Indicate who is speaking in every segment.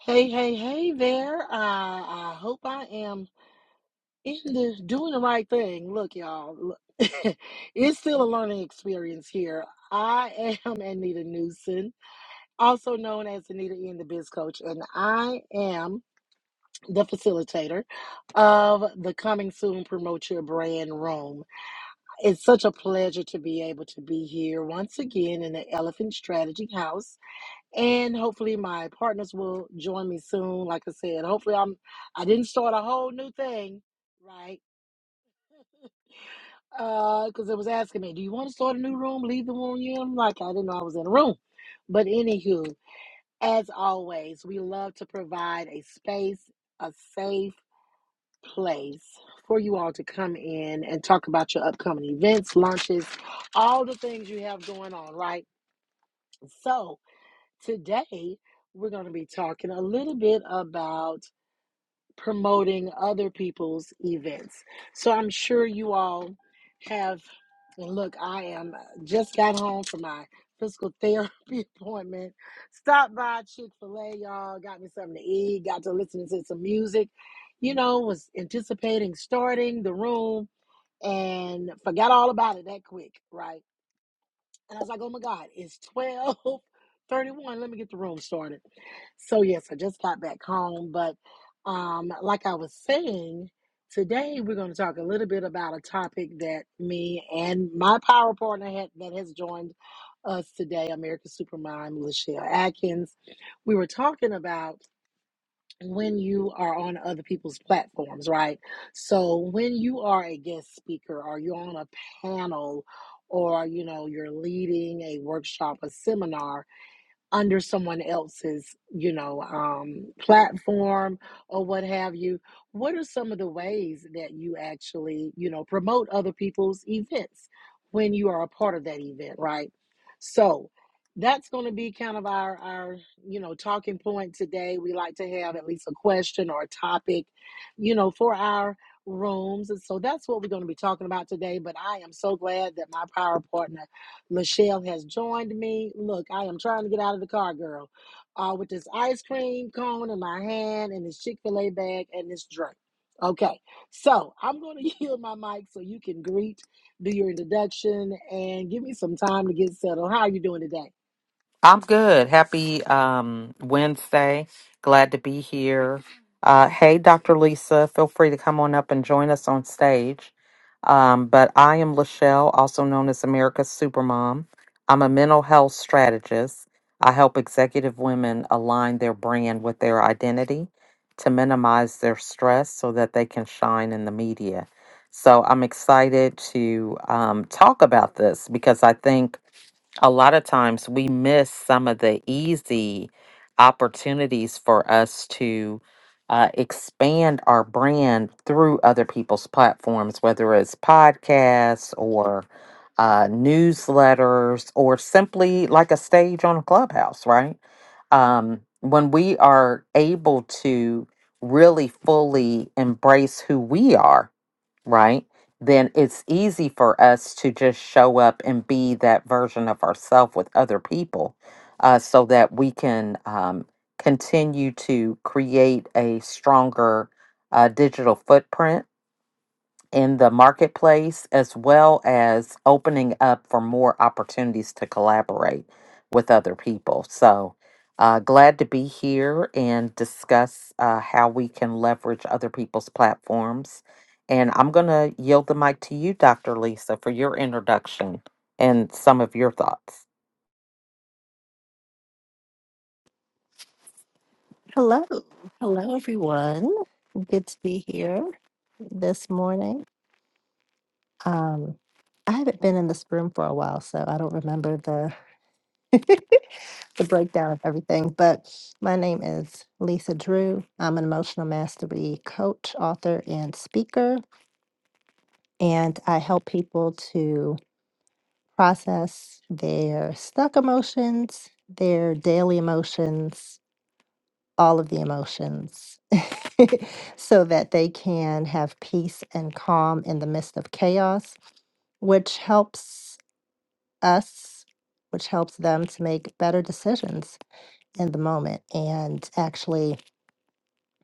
Speaker 1: Hey, hey, hey there. Uh, I hope I am in the doing the right thing. Look, y'all, look, it's still a learning experience here. I am Anita Newson, also known as Anita in the Biz Coach, and I am the facilitator of the Coming Soon Promote Your Brand Room. It's such a pleasure to be able to be here once again in the Elephant Strategy House and hopefully my partners will join me soon. Like I said, hopefully I'm I didn't start a whole new thing, right? Because uh, it was asking me, do you want to start a new room? Leave the room you in? I'm like, I didn't know I was in a room. But anywho, as always, we love to provide a space, a safe place for you all to come in and talk about your upcoming events, launches, all the things you have going on, right? So today we're going to be talking a little bit about promoting other people's events. So I'm sure you all have, and look, I am uh, just got home from my physical therapy appointment. Stopped by Chick fil A, y'all, got me something to eat, got to listen to some music, you know, was anticipating starting the room and forgot all about it that quick, right? And I was like, oh my God, it's 12:31. Let me get the room started. So yes, I just got back home, but um, like I was saying, today we're going to talk a little bit about a topic that me and my power partner had, that has joined us today, America's Supermom, Lachelle Atkins. We were talking about when you are on other people's platforms, right? So when you are a guest speaker or you're on a panel or you know you're leading a workshop, a seminar, under someone else's, you know, um, platform or what have you. What are some of the ways that you actually, you know, promote other people's events when you are a part of that event, right? So that's going to be kind of our our you know talking point today we like to have at least a question or a topic you know for our rooms and so that's what we're going to be talking about today but i am so glad that my power partner Michelle has joined me. Look, I am trying to get out of the car, girl, uh, with this ice cream cone in my hand and this Chick fil A bag and this drink. Okay, so I'm going to yield my mic so you can greet, do your introduction, and give me some time to get settled. How are you doing today?
Speaker 2: I'm good. Happy um, Wednesday. Glad to be here. Uh, hey, Dr. Lisa, feel free to come on up and join us on stage. Um, but I am Lachelle, also known as America's Supermom. I'm a mental health strategist. I help executive women align their brand with their identity to minimize their stress so that they can shine in the media. So I'm excited to um, talk about this because I think a lot of times we miss some of the easy opportunities for us to uh, expand our brand through other people's platforms, whether it's podcasts or uh, newsletters or simply like a stage on a clubhouse, right? Um, when we are able to really fully embrace who we are right? Then it's easy for us to just show up and be that version of ourselves with other people uh, so that we can um, continue to create a stronger uh, digital footprint in the marketplace as well as opening up for more opportunities to collaborate with other people. So, uh, glad to be here and discuss uh, how we can leverage other people's platforms. And I'm going to yield the mic to you, Dr. Lisa, for your introduction and some of your thoughts.
Speaker 3: Hello. Hello, everyone. Good to be here this morning. Um, I haven't been in this room for a while, so I don't remember the, the breakdown of everything, but my name is Lisa Drew. I'm an emotional mastery coach, author, and speaker, and I help people to process their stuck emotions, their daily emotions, all of the emotions so that they can have peace and calm in the midst of chaos, which helps us, which helps them to make better decisions in the moment and actually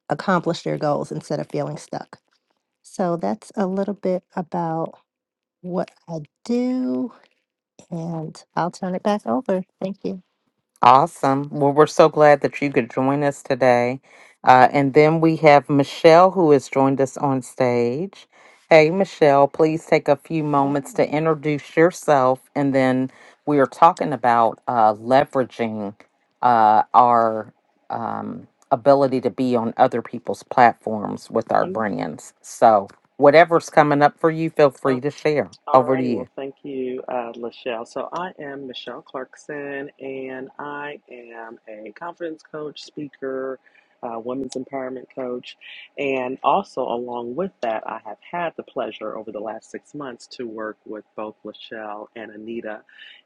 Speaker 3: accomplish their goals instead of feeling stuck. So that's a little bit about what I do, and I'll turn it back over. Thank you.
Speaker 2: Awesome. Well, we're so glad that you could join us today. Uh, and then we have Michelle who has joined us on stage. Hey, Michelle, please take a few
Speaker 4: Oh,
Speaker 2: moments to introduce yourself. And then we are talking about uh, leveraging uh, our um, ability to be on other people's platforms with our
Speaker 4: mm.
Speaker 2: brands. So, whatever's coming up for you, feel
Speaker 4: Oh,
Speaker 2: free to share.
Speaker 4: all
Speaker 2: Over to
Speaker 4: righty.
Speaker 2: you.
Speaker 4: Well, thank you, uh, Lachelle. So I am Michelle Clarkson, and I am a confidence coach, speaker, uh, women's empowerment coach, and also along with that, I have had the pleasure over the last six months to work with both Lachelle and Anita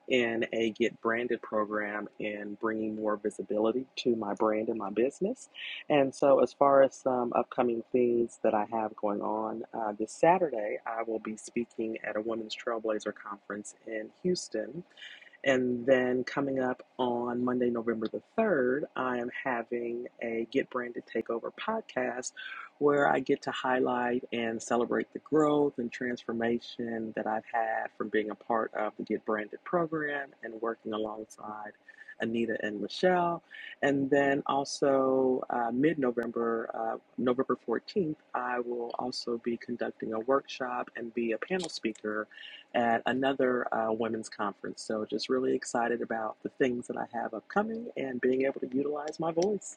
Speaker 4: in a Get Branded program and bringing more visibility to my brand and my business. And so, as far as some upcoming things that I have going on, uh, this Saturday I will be speaking at a Women's Trailblazer Conference in Houston. And then coming up on Monday, November the 3rd, I am having a Get Branded Takeover podcast where I get to highlight and celebrate the growth and transformation that I've had from being a part of the Get Branded program and working alongside Anita and Michelle. And then also uh, mid November, uh, November 14th, I will also be conducting a workshop and be a panel speaker at another uh, women's conference. So just really excited about the things that I have upcoming and being able to utilize my voice.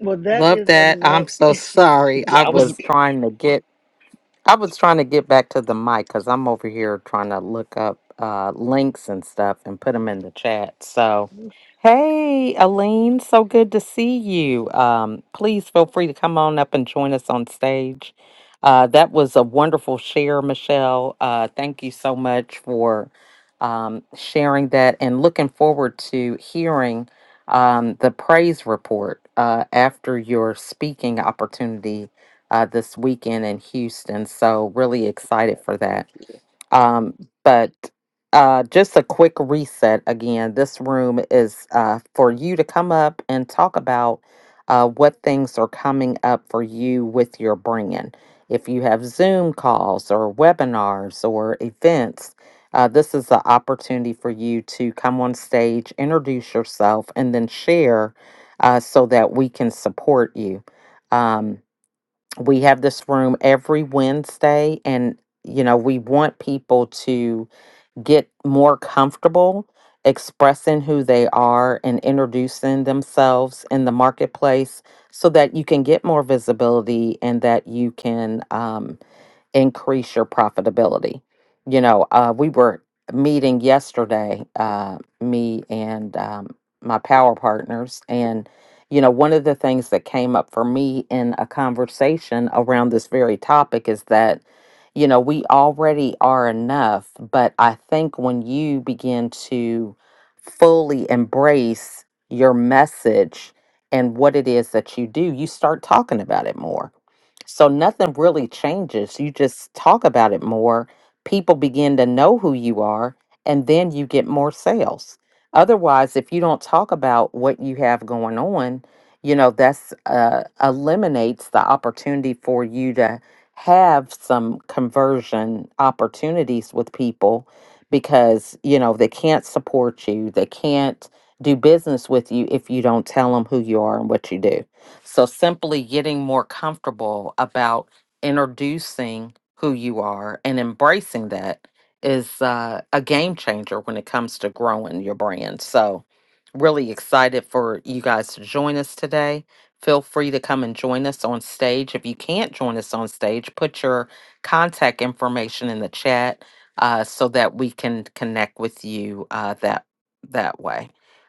Speaker 1: Well, that
Speaker 2: Love
Speaker 1: is a
Speaker 2: that.
Speaker 1: mess.
Speaker 2: I'm so sorry. I
Speaker 4: I was
Speaker 2: was trying to get I was trying to get back to the mic because I'm over here trying to look up uh, links and stuff and put them in the chat. So, hey, Aline, so good to see you. Um, please feel free to come on up and join us on stage. Uh, that was a wonderful share, Michelle. Uh, thank you so much for um, sharing that and looking forward to hearing um, the praise report uh, after your speaking opportunity uh, this weekend in Houston. So, really excited
Speaker 4: Yes,
Speaker 2: for
Speaker 4: thank
Speaker 2: that.
Speaker 4: you.
Speaker 2: Um, but uh, just a quick reset again this room is uh, for you to come up and talk about uh, what things are coming up for you with your brand. If you have Zoom calls or webinars or events, uh, this is the opportunity for you to come on stage, introduce yourself, and then share uh, so that we can support you. Um, we have this room every Wednesday and you know we want people to get more comfortable expressing who they are and introducing themselves in the marketplace so that you can get more visibility and that you can um, increase your profitability. You know, uh, we were meeting yesterday, uh, me and um, my power partners, and you know, one of the things that came up for me in a conversation around this very topic is that you know, we already are enough, but I think when you begin to fully embrace your message and what it is that you do, you start talking about it more so nothing really changes. You just talk about it more. People begin to know who you are, and then you get more sales. Otherwise, if you don't talk about what you have going on, you know, that's uh, eliminates the opportunity for you to have some conversion opportunities with people because, you know, they can't support you, they can't do business with you if you don't tell them who you are and what you do. So simply getting more comfortable about introducing who you are and embracing that is uh, a game changer when it comes to growing your brand. So really excited for you guys to join us today. Feel free to come and join us on stage. If you can't join us on stage, put your contact information in the chat uh, so that we can connect with you uh, that that way.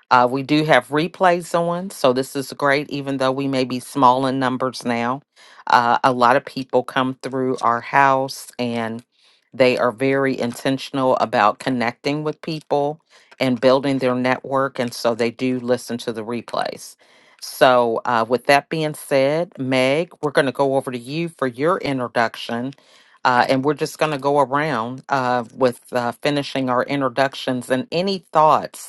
Speaker 2: Uh, we do have replays on, so this is great, even though we may be small in numbers now. Uh, a lot of people come through our house and they are very intentional about connecting with people and building their network, and so they do listen to the replays. So, uh, with that being said, Meg, we're going to go over to you for your introduction. Uh, and we're just going to go around uh, with uh, finishing our introductions and any thoughts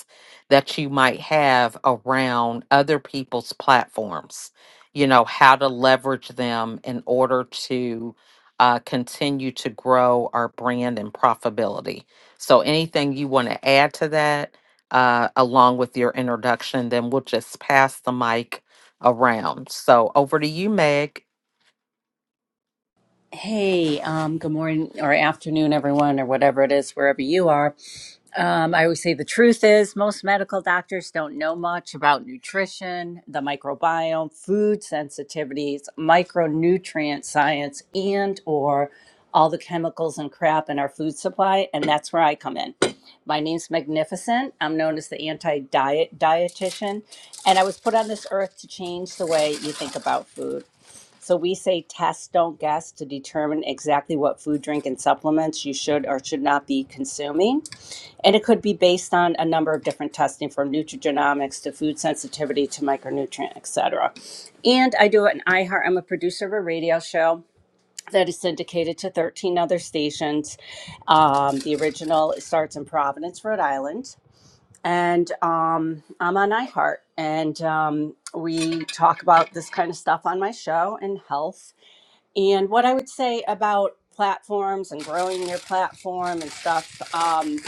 Speaker 2: that you might have around other people's platforms. You know, how to leverage them in order to uh, continue to grow our brand and profitability. So, anything you want to add to that, uh, along with your introduction, then we'll just pass the mic around. So, over to you, Meg.
Speaker 5: Hey, um, good morning or afternoon, everyone, or whatever it is, wherever you are. Um, I always say the truth is most medical doctors don't know much about nutrition, the microbiome, food sensitivities, micronutrient science, and or all the chemicals and crap in our food supply, and that's where I come in. My name's Magnificent. I'm known as the anti-diet dietitian, and I was put on this earth to change the way you think about food. So we say test, don't guess to determine exactly what food, drink, and supplements you should or should not be consuming. And it could be based on a number of different testing from nutrigenomics to food sensitivity to micronutrient, et cetera. And I do it in iHeart. I'm a producer of a radio show that is syndicated to 13 other stations. Um, the original starts in Providence, Rhode Island. And um, I'm on iHeart. And um, we talk about this kind of stuff on my show and health and what I would say about platforms and growing your platform and stuff, um,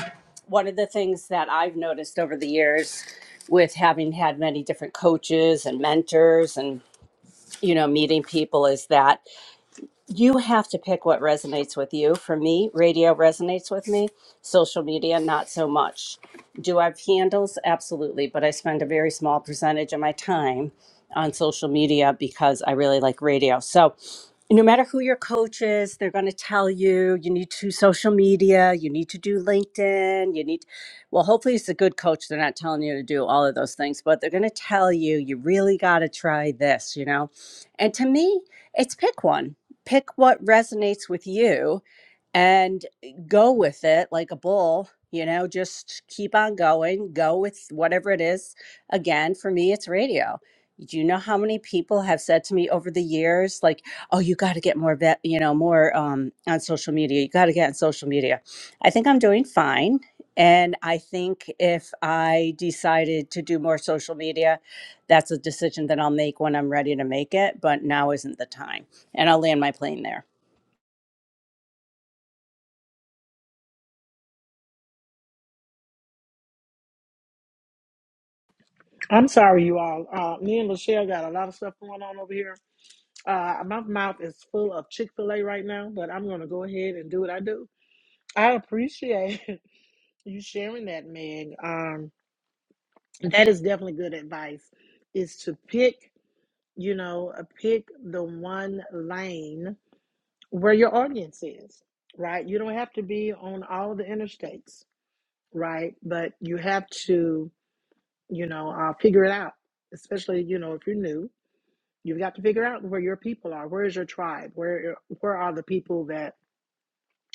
Speaker 5: one of the things that I've noticed over the years with having had many different coaches and mentors and, you know, meeting people is that you have to pick what resonates with you. For me, radio resonates with me, social media, not so much. Do I have handles? Absolutely, but I spend a very small percentage of my time on social media because I really like radio. So, no matter who your coach is, they're going to tell you you need to social media, you need to do LinkedIn, you need, well, hopefully it's a good coach. They're not telling you to do all of those things, but they're going to tell you you really got to try this, you know? And to me, it's pick one pick what resonates with you and go with it like a bull you know just keep on going go with whatever it is again for me it's radio do you know how many people have said to me over the years like oh you got to get more vet, you know more um, on social media you got to get on social media i think i'm doing fine and i think if i decided to do more social media that's a decision that i'll make when i'm ready to make it but now isn't the time and I'll land my plane there.
Speaker 1: I'm sorry, you all. Uh, me and Lachelle got a lot of stuff going on over here. Uh, my mouth is full of Chick fil A right now, but I'm going to go ahead and do what I do. I appreciate you sharing that, Meg. Um, that is definitely good advice is to pick, you know, uh, pick the one lane where your audience is, right? You don't have to be on all the interstates, right? But you have to, you know, uh, figure it out. Especially, you know, if you're new, you've got to figure out where your people are. Where is your tribe? Where where are the people that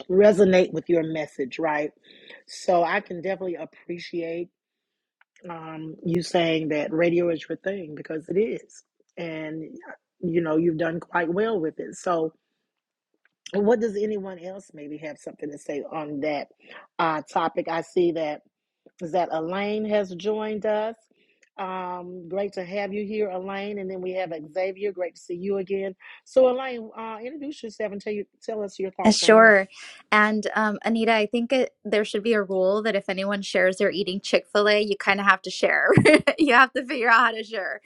Speaker 1: resonate with your message, right? So I can definitely appreciate um, you saying that radio is your thing because it is, and uh, you know, you've done quite well with it. So And What does anyone else maybe have something to say on that uh, topic? I see that is that Elaine has joined us. Um, great to have you here, Elaine. And then we have Xavier. Great to see you again. So, Elaine, uh, introduce yourself and tell you tell us your
Speaker 6: Uh,
Speaker 1: thoughts on that.
Speaker 6: Sure. And um, Anita, I think it, there should be a rule that if anyone shares they're eating Chick fil A, you kind of have to share. you have to figure out how to share.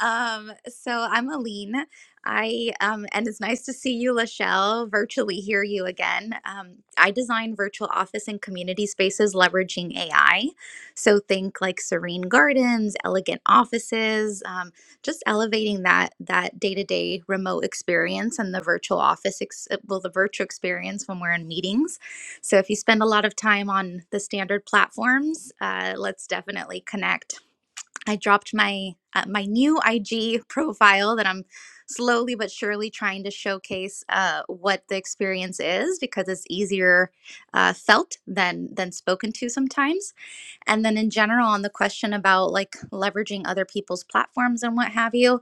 Speaker 6: Um, so I'm Aline. I um, and it's nice to see you, Lachelle. Virtually hear you again. Um, I design virtual office and community spaces leveraging AI. So think like serene gardens, elegant offices, um, just elevating that that day-to-day remote experience and the virtual office ex- uh, well the virtual experience when we're in meetings so if you spend a lot of time on the standard platforms uh, let's definitely connect i dropped my uh, my new ig profile that i'm slowly but surely trying to showcase uh, what the experience is because it's easier uh, felt than than spoken to sometimes and then, in general, on the question about like leveraging other people's platforms and what have you,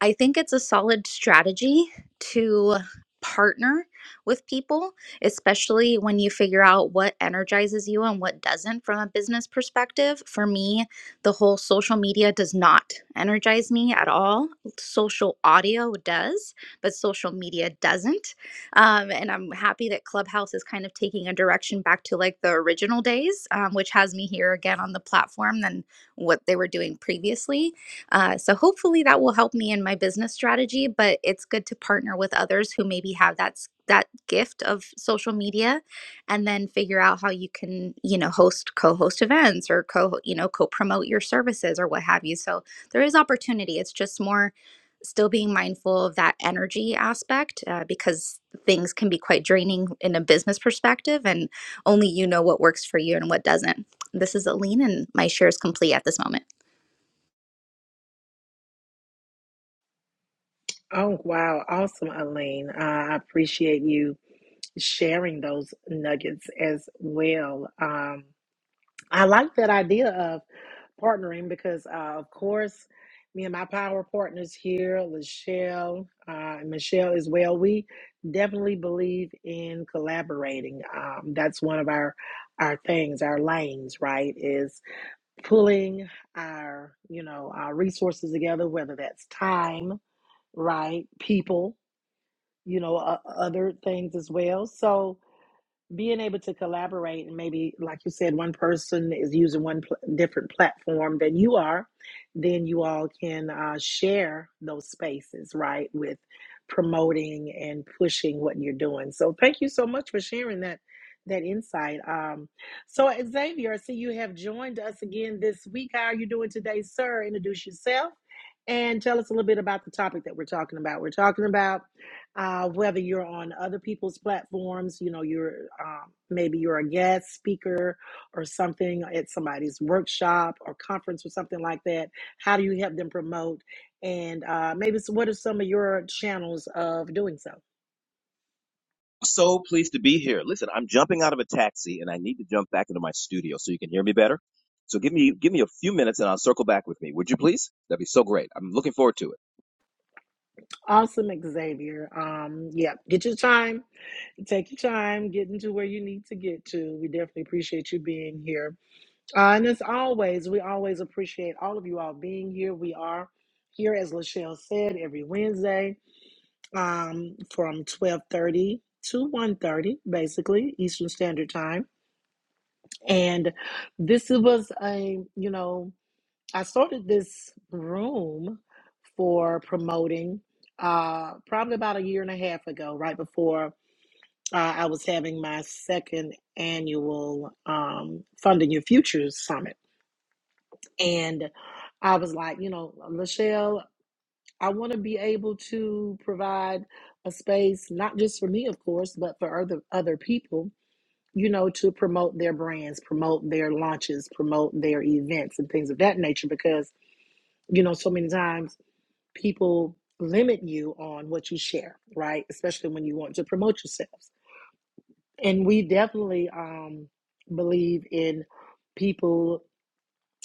Speaker 6: I think it's a solid strategy to partner with people, especially when you figure out what energizes you and what doesn't from a business perspective. For me, the whole social media does not energize me at all. Social audio does, but social media doesn't. Um, and I'm happy that Clubhouse is kind of taking a direction back to like the original days, um, which has me here again on the platform than what they were doing previously. Uh, so hopefully that will help me in my business strategy, but it's good to partner with others who maybe have that s- that gift of social media and then figure out how you can, you know, host co-host events or co, you know, co-promote your services or what have you. So there is opportunity. It's just more still being mindful of that energy aspect uh, because things can be quite draining in a business perspective, and only you know what works for you and what doesn't. This is Aline, and my share is complete at this moment.
Speaker 1: Oh, wow. Awesome, Elaine. Uh, I appreciate you sharing those nuggets as well. Um, I like that idea of partnering because, uh, of course, me and my power partners here, Lachelle, uh, and Michelle as well, we definitely believe in collaborating. Um, that's one of our our things, our lanes, right? Is pulling our you know our resources together, whether that's time, right, people, you know, uh, other things as well. So being able to collaborate and maybe like you said one person is using one pl- different platform than you are then you all can uh, share those spaces right with promoting and pushing what you're doing so thank you so much for sharing that that insight um, so xavier i see you have joined us again this week how are you doing today sir introduce yourself and tell us a little bit about the topic that we're talking about we're talking about uh, whether you're on other people's platforms, you know, you're um, maybe you're a guest speaker or something at somebody's workshop or conference or something like that. How do you help them promote? And uh, maybe s what are some of your channels of doing so? Awesome, Xavier. Um, yeah, get your time, take your time, get into where you need to get to. We definitely appreciate you being here. Uh, and as always, we always appreciate all of you all being here. We are here, as Lachelle said, every Wednesday um, from 1230 to one thirty, basically, Eastern Standard Time. And this was a, you know, I started this room for promoting uh, probably about a year and a half ago, right before uh, I was having my second annual um, Funding Your Futures Summit. And I was like, you know, Lachelle, I want to be able to provide a space, not just for me, of course, but for other other people, you know, to promote their brands, promote their launches, promote their events and things of that nature. Because, you know, so many times people limit you on what you share, right? Especially when you want to promote yourselves. And we definitely um believe in people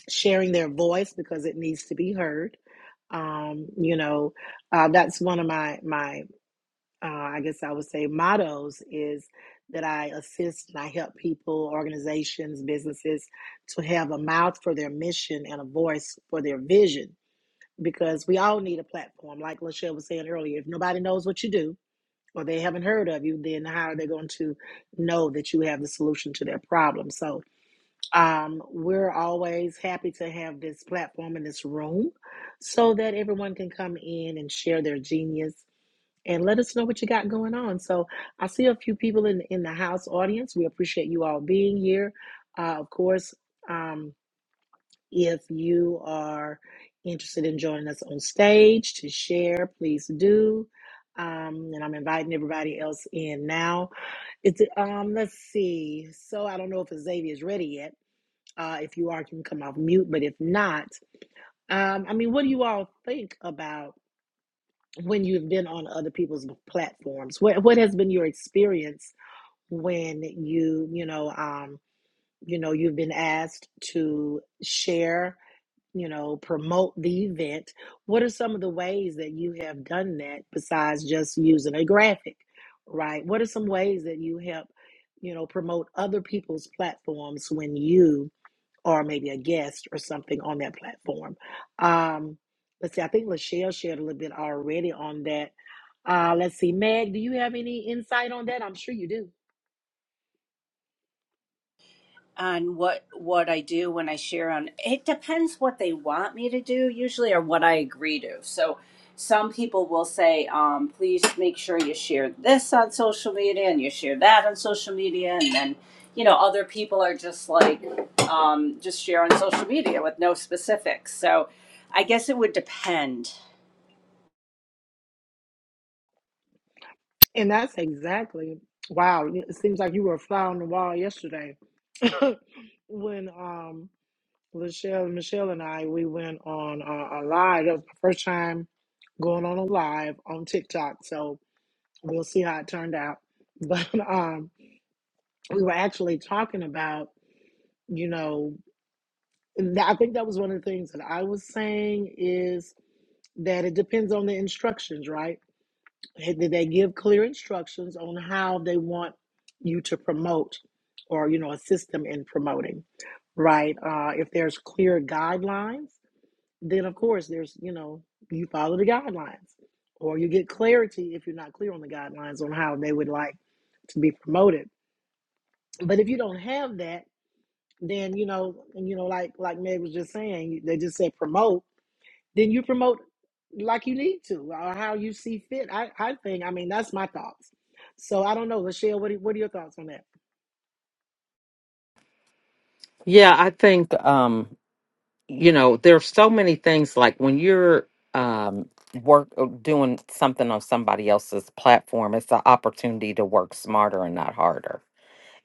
Speaker 1: sharing their voice because it needs to be heard. Um, you know, uh, that's one of my my uh, I guess I would say mottos is that I assist and I help people, organizations, businesses to have a mouth for their mission and a voice for their vision because we all need a platform. Like Lachelle was saying earlier, if nobody knows what you do or they haven't heard of you, then how are they going to know that you have the solution to their problem? So um, we're always happy to have this platform in this room so that everyone can come in and share their genius and let us know what you got going on. So I see a few people in, in the house audience. We appreciate you all being here. Uh, of course, um, if you are interested in joining us on stage to share, please do. Um, and I'm inviting everybody else in now. It's um, let's see. So I don't know if Xavier is ready yet. Uh, if you are, you can come off mute, but if not, um, I mean, what do you all think about when you've been on other people's platforms? What what has been your experience when you you know um, you know you've been asked to share? You know, promote the event. What are some of the ways that you have done that besides just using a graphic, right? What are some ways that you help, you know, promote other people's platforms when you or maybe a guest or something on that platform. Um, let's see, I think Lachelle shared a little bit already on that. Uh, let's see, Meg, do you have any insight on that? I'm sure you do.
Speaker 5: On what what I do when I share on it depends what they want me to do usually or what I agree to. So some people will say, um, please make sure you share this on social media and you share that on social media and then you know other people are just like um, just share on social media with no specifics. So I guess it would depend.
Speaker 1: And that's exactly wow. It seems like you were a fly on the wall yesterday when um Lachelle, Michelle, and I we went on uh, a live. That was my first time going on a live on TikTok, so we'll see how it turned out. But um, we were actually talking about you know And I think that was one of the things that I was saying is that it depends on the instructions, right? Did they give clear instructions on how they want you to promote or, you know, assist them in promoting, right? Uh, if there's clear guidelines, then of course there's, you know, you follow the guidelines or you get clarity if you're not clear on the guidelines on how they would like to be promoted. But if you don't have that, then, you know, and, you know, like, like Meg was just saying, they just said promote then you promote like you need to or how you see fit. I, I think, I mean, that's my thoughts. So I don't know, Lachelle, what are, what are your thoughts on that?
Speaker 2: Yeah, I think um, you know, there are so many things like when you're um work uh, doing something on somebody else's platform, it's an opportunity to work smarter and not harder.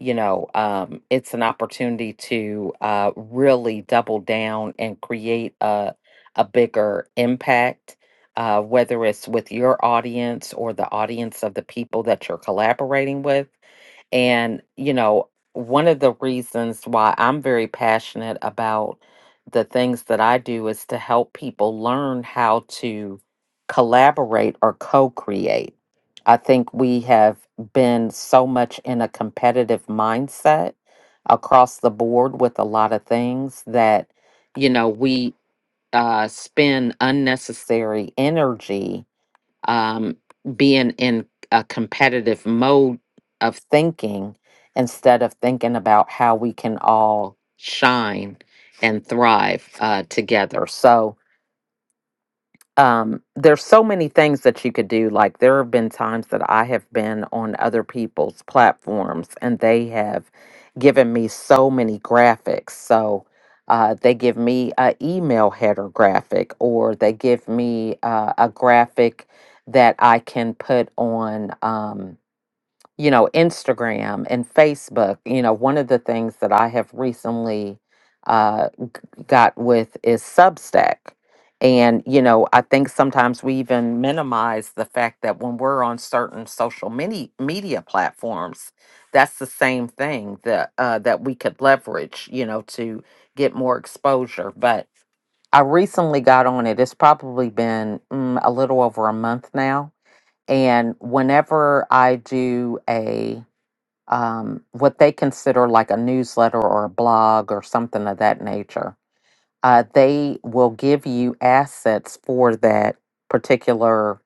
Speaker 2: You know, um, it's an opportunity to uh, really double down and create a a bigger impact, uh, whether it's with your audience or the audience of the people that you're collaborating with. And, you know, one of the reasons why I'm very passionate about the things that I do is to help people learn how to collaborate or co create. I think we have been so much in a competitive mindset across the board with a lot of things that, you know, we uh, spend unnecessary energy um, being in a competitive mode of thinking instead of thinking about how we can all shine and thrive uh, together. So, um, there's so many things that you could do. Like there have been times that I have been on other people's platforms and they have given me so many graphics. So uh, they give me a email header graphic or they give me uh, a graphic that I can put on. Um, you know, Instagram and Facebook, you know, one of the things that I have recently uh, g- got with is Substack. And, you know, I think sometimes we even minimize the fact that when we're on certain social mini- media platforms, that's the same thing that uh, that we could leverage, you know, to get more exposure. But I recently got on it. It's probably been mm, a little over a month now. And whenever I do a um, what they consider like a newsletter or a blog or something of that nature. Uh, they will give you assets for that particular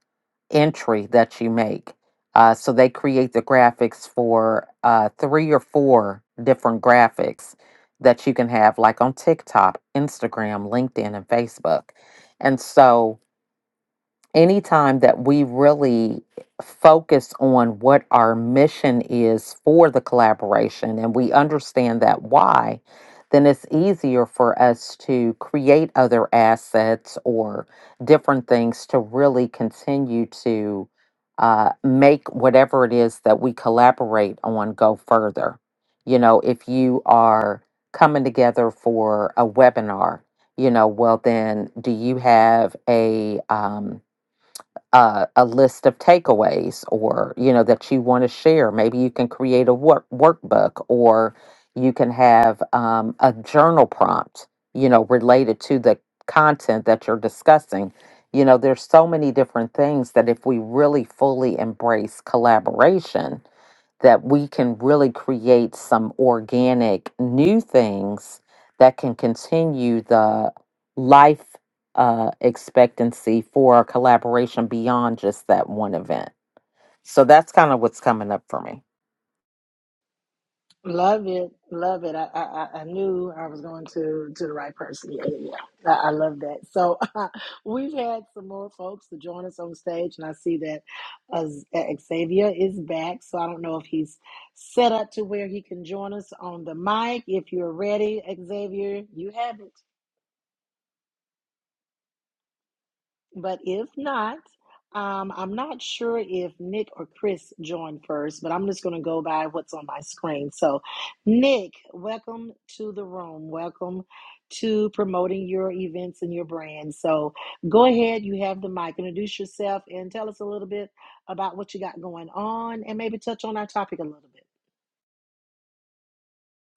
Speaker 2: entry that you make. Uh, so they create the graphics for uh, three or four different graphics that you can have, like on TikTok, Instagram, LinkedIn, and Facebook. And so anytime that we really focus on what our mission is for the collaboration and we understand that why, then it's easier for us to create other assets or different things to really continue to uh, make whatever it is that we collaborate on go further. You know, if you are coming together for a webinar, you know, well, then do you have a, um, uh, a list of takeaways or you know that you want to share maybe you can create a work workbook or you can have um, a journal prompt you know related to the content that you're discussing you know there's so many different things that if we really fully embrace collaboration that we can really create some organic new things that can continue the life uh, expectancy for a collaboration beyond just that one event. So that's kind of what's coming up for me.
Speaker 1: Love it, love it. I, I I I knew I was going to to the right person. Yeah, yeah, yeah. I, I love that. So we've had some more folks to join us on stage, and I see that uh, uh, Xavier is back. So I don't know if he's set up to where he can join us on the mic. If you're ready, Xavier, you have it. But if not, um, I'm not sure if Nick or Chris joined first, but I'm just going to go by what's on my screen. So, Nick, welcome to the room. Welcome to promoting your events and your brand. So, go ahead, you have the mic. Introduce yourself and tell us a little bit about what you got going on and maybe touch on our topic a little bit.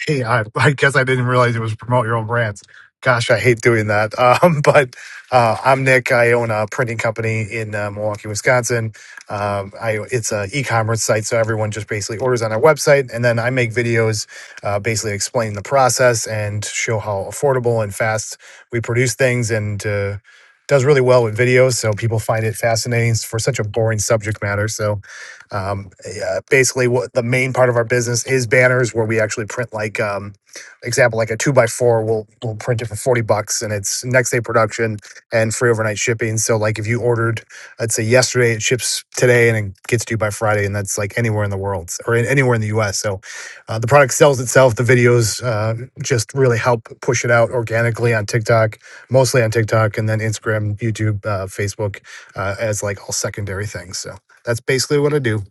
Speaker 7: Hey, I, I guess I didn't realize it was promote your own brands. Gosh, I hate doing that. Um, but uh, I'm Nick. I own a printing company in uh, Milwaukee, Wisconsin. Um, I it's a e-commerce site, so everyone just basically orders on our website, and then I make videos, uh, basically explain the process and show how affordable and fast we produce things, and uh, does really well with videos. So people find it fascinating for such a boring subject matter. So um, yeah, basically, what the main part of our business is banners, where we actually print like um, example, like a two by four. We'll we'll print it for forty bucks, and it's next day production and free overnight shipping. So like if you ordered, I'd say yesterday, it ships today, and it gets to you by Friday, and that's like anywhere in the world or in, anywhere in the U.S. So uh, the product sells itself. The videos uh, just really help push it out organically on TikTok, mostly on TikTok, and then Instagram, YouTube, uh, Facebook, uh, as like all secondary things. So. That's basically what I do.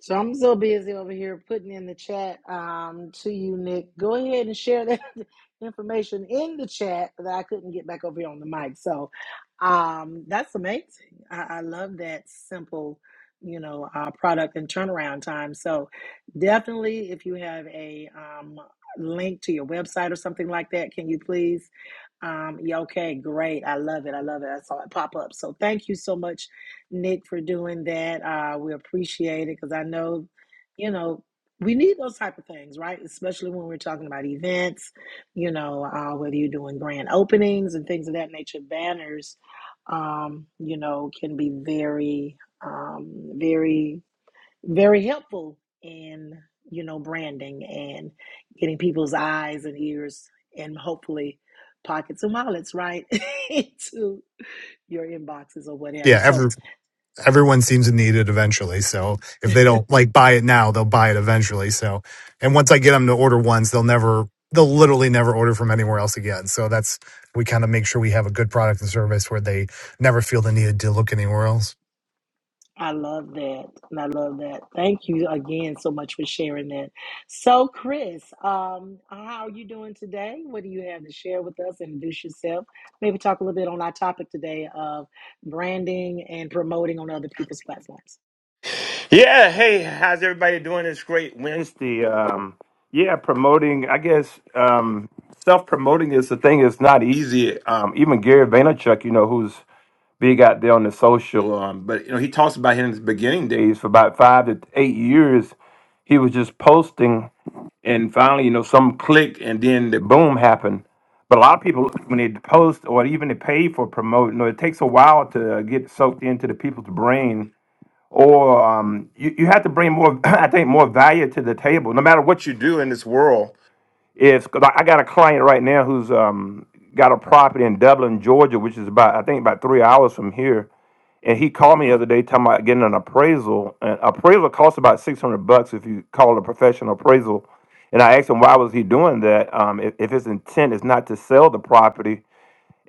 Speaker 1: So I'm so busy over here putting in the chat um, to you, Nick. Go ahead and share that information in the chat so that I couldn't get back over here on the mic. So um, that's amazing. I, I love that simple, you know, uh, product and turnaround time. So definitely, if you have a um, link to your website or something like that, can you please? Um, yeah, okay, great. I love it. I love it. I saw it pop up. So thank you so much Nick, for doing that. Uh, we appreciate it because I know, you know, we need those type of things, right? Especially when we're talking about events, you know, uh, whether you're doing grand openings and things of that nature, banners, um, you know, can be very, um, very, very helpful in, you know, branding and getting people's eyes and ears and hopefully pockets and wallets, right? into your inboxes or whatever.
Speaker 7: Yeah,
Speaker 1: So,
Speaker 7: every everyone seems to need it eventually. So if they don't like buy it now, they'll buy it eventually. So and once I get them to order once, they'll never they'll literally never order from anywhere else again. So that's we kind of make sure we have a good product and service where they never feel the need to look anywhere else.
Speaker 1: I love that. And I love that. Thank you again so much for sharing that. So, Chris, um, how are you doing today? What do you have to share with us? Introduce yourself. Maybe talk a little bit on our topic today of branding and promoting on other people's platforms.
Speaker 8: Yeah, hey, how's everybody doing It's great Wednesday? Um, yeah, promoting, I guess, um, self promoting is the thing It's not easy. Um, even Gary Vaynerchuk, you know, who's big out there on the social, um, but, you know, he talks about in his beginning days for about five to eight years. He was just posting, and finally, you know, some click, and then the boom happened. But a lot of people, when they post or even they pay for promoting, you know, it takes a while to get soaked into the people's brain or um, you, you have to bring more, I think, more value to the table, no matter what you do in this world. If 'cause I I got a client right now who's um, got a property in Dublin, Georgia, which is about, I think, about three hours from here, and he called me the other day talking about getting an appraisal. An appraisal costs about six hundred bucks if you call it a professional appraisal. And I asked him why was he doing that. Um, if, if his intent is not to sell the property,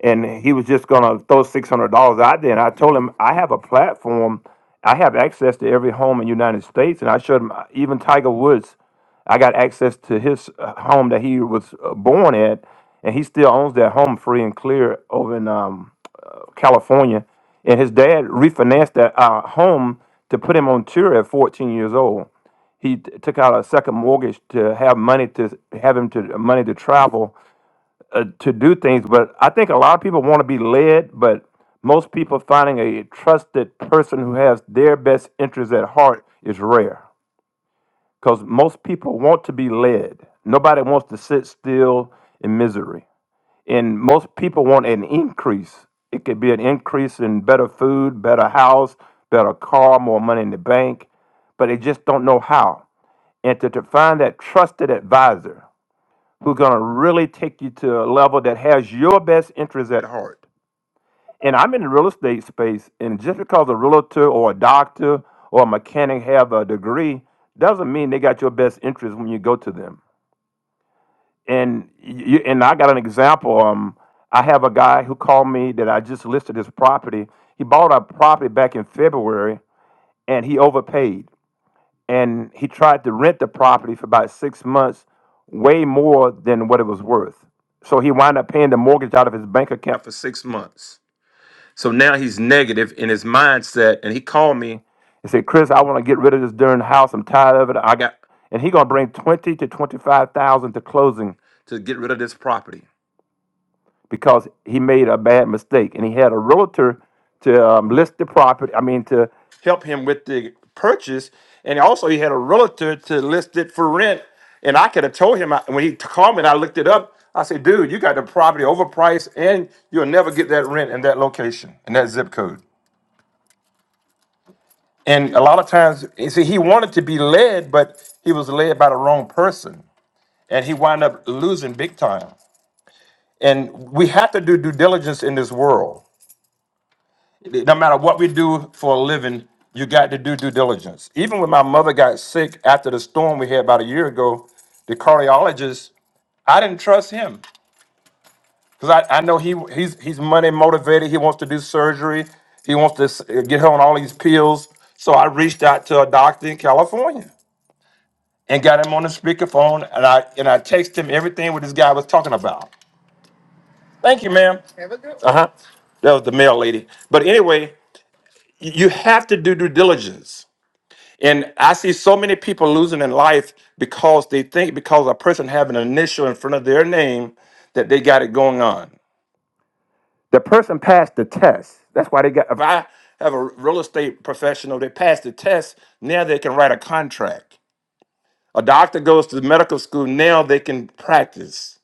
Speaker 8: and he was just gonna throw six hundred dollars out there. And I told him I have a platform, I have access to every home in the United States, and I showed him uh, even Tiger Woods. I got access to his uh, home that he was uh, born at, and he still owns that home free and clear over in um, uh, California. And his dad refinanced that uh, home to put him on tour at 14 years old. He t- took out a second mortgage to have money to have him to uh, money to travel uh, to do things, but I think a lot of people want to be led, but most people finding a trusted person who has their best interests at heart is rare because most people want to be led. Nobody wants to sit still in misery. And most people want an increase. It could be an increase in better food, better house, better car, more money in the bank, but they just don't know how. And to, to find that trusted advisor who's going to really take you to a level that has your best interests at heart. And I'm in the real estate space, and just because a realtor or a doctor or a mechanic have a degree doesn't mean they got your best interest when you go to them. And you, and I got an example. Um, I have a guy who called me that I just listed his property. He bought a property back in February, and he overpaid and he tried to rent the property for about six months, way more than what it was worth. So he wound up paying the mortgage out of his bank account for six months. So now he's negative in his mindset, and he called me and said, "Chris, I want to get rid of this darn house. I'm tired of it. I got." And he gonna bring twenty to twenty five thousand to closing to get rid of this property because he made a bad mistake and he had a realtor to um, list the property i mean to help him with the purchase and also he had a realtor to list it for rent and i could have told him I- when he called me and i looked it up i said dude you got the property overpriced and you'll never get that rent in that location in that zip code and a lot of times you see he wanted to be led but he was led by the wrong person and he wound up losing big time and we have to do due diligence in this world no matter what we do for a living, you got to do due diligence. Even when my mother got sick after the storm we had about a year ago, the cardiologist, I didn't trust him because I, I know he he's he's money motivated. He wants to do surgery. He wants to s- get her on all these pills. So I reached out to a doctor in California and got him on the speakerphone, and I and I texted him everything what this guy was talking about. Thank you, ma'am. Uh huh. That was the mail lady. But anyway, y- you have to do due diligence And I see so many people losing in life because they think because a person have an initial in front of their name that they got it going on. The person passed the test. That's why they got. If I have a real estate professional, they passed the test. Now they can write a contract. A doctor goes to medical school. Now they can practice,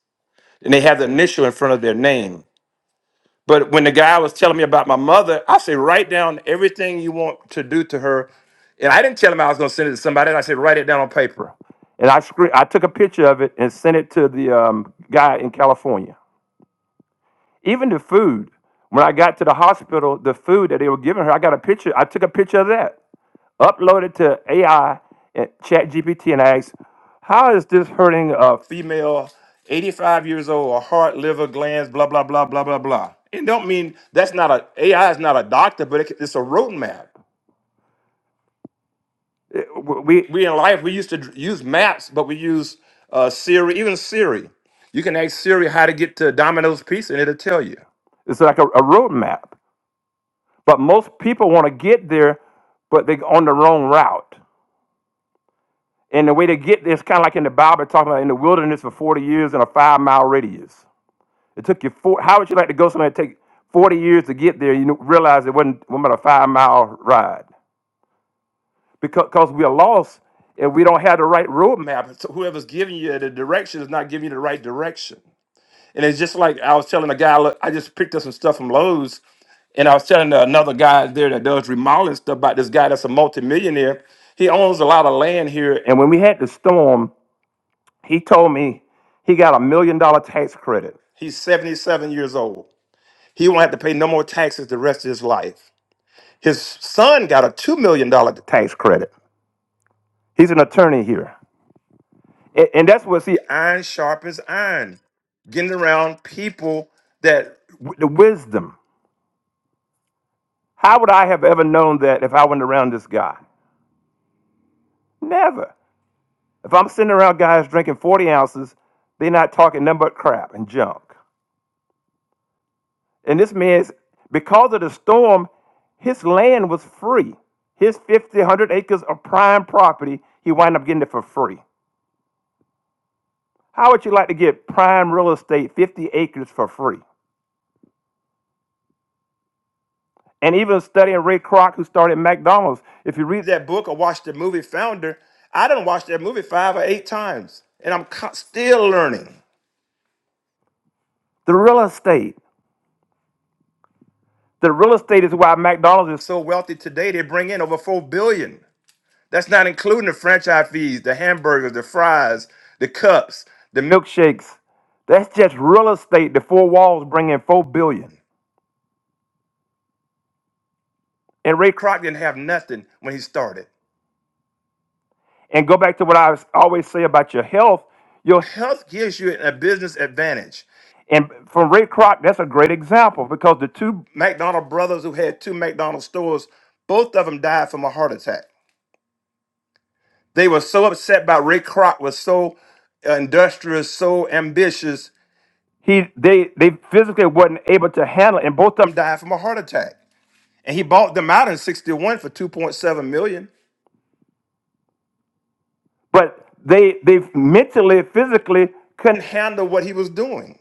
Speaker 8: and they have the initial in front of their name. But when the guy was telling me about my mother, I said, write down everything you want to do to her. And I didn't tell him I was going to send it to somebody. And I said, write it down on paper. And I, scre- I took a picture of it and sent it to the um, guy in California. Even the food. When I got to the hospital, the food that they were giving her, I got a picture. I took a picture of that upload it to AI and chat GPT and ask, how is this hurting a female 85 years old, a heart, liver, glands, blah, blah, blah, blah, blah, blah. It don't mean that's not a, AI is not a doctor, but it, it's a roadmap. It- w- we, we in life, we used to dr- use maps, but we use uh, Siri, even Siri. You can ask Siri how to get to Domino's Pizza and it'll tell you. It's like a, a roadmap. But most people want to get there, but they're on the wrong route. And the way to get this kind of like in the Bible, talking about in the wilderness for 40 years in a five mile radius. It took you four, how would you like to go somewhere and take 40 years to get there? You kn- realize it wasn't, wasn't about a five mile ride because, 'cause we are lost and we don't have the right roadmap. So whoever's giving you the direction is not giving you the right direction. And it's just like I was telling a guy, look, I just picked up some stuff from Lowe's and I was telling uh, another guy there that does remodeling stuff about this guy that's a multimillionaire. He owns a lot of land here. And when we had the storm, he told me he got a million dollar tax credit. He's 77 years old. He won't have to pay no more taxes the rest of his life. His son got a $2 million dollar tax credit. He's an attorney here. And, and that's what, see, iron sharp as iron, getting around people that, w- the wisdom. How would I have ever known that if I went around this guy? Never. If I'm sitting around guys drinking 40 ounces, they're not talking nothing but crap and junk. And this man's, because of the storm, his land was free. His 50, one hundred acres of prime property, he wound up getting it for free. How would you like to get prime real estate, 50 acres for free? And even studying Ray Kroc, who started McDonald's, if you read that book or watch the movie Founder, I done watched that movie five or eight times, and I'm co- still learning. The real estate. The real estate is why McDonald's is so wealthy today. They bring in over four billion. That's not including the franchise fees, the hamburgers, the fries, the cups, the milkshakes. That's just real estate. The four walls bring in four billion. And Ray Kroc didn't have nothing when he started. And go back to what I was- always say about your health. Your Health gives you a business advantage. and from Ray Kroc, that's a great example because the two McDonald brothers who had two McDonald's stores, both of them died from a heart attack. They were so upset by Ray Kroc was so industrious, so ambitious. He they they physically wasn't able to handle it, and both of them died from a heart attack. And he bought them out in 61 for 2.7 million. But they they mentally, physically couldn't handle what he was doing.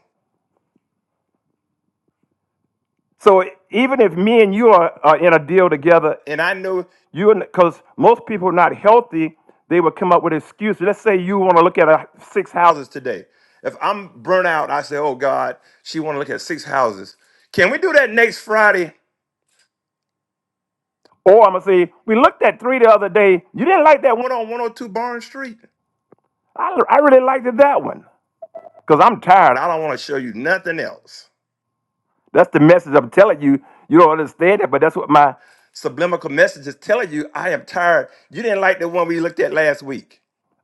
Speaker 8: So even if me and you are, are in a deal together, and I know you, because most people are not healthy, they would come up with excuses. Let's say you want to look at uh, six houses today. If I'm burnt out, I say, "Oh God, she want to look at six houses. Can we do that next Friday?" Or I'm gonna say, we looked at three the other day. You didn't like that one on 102 Barnes Street. I, I really liked it, that one because I'm tired. I don't want to show you nothing else. That's the message I'm telling you. You don't understand it, but that's what my subliminal message is telling you. I am tired. You didn't like the one we looked at last week.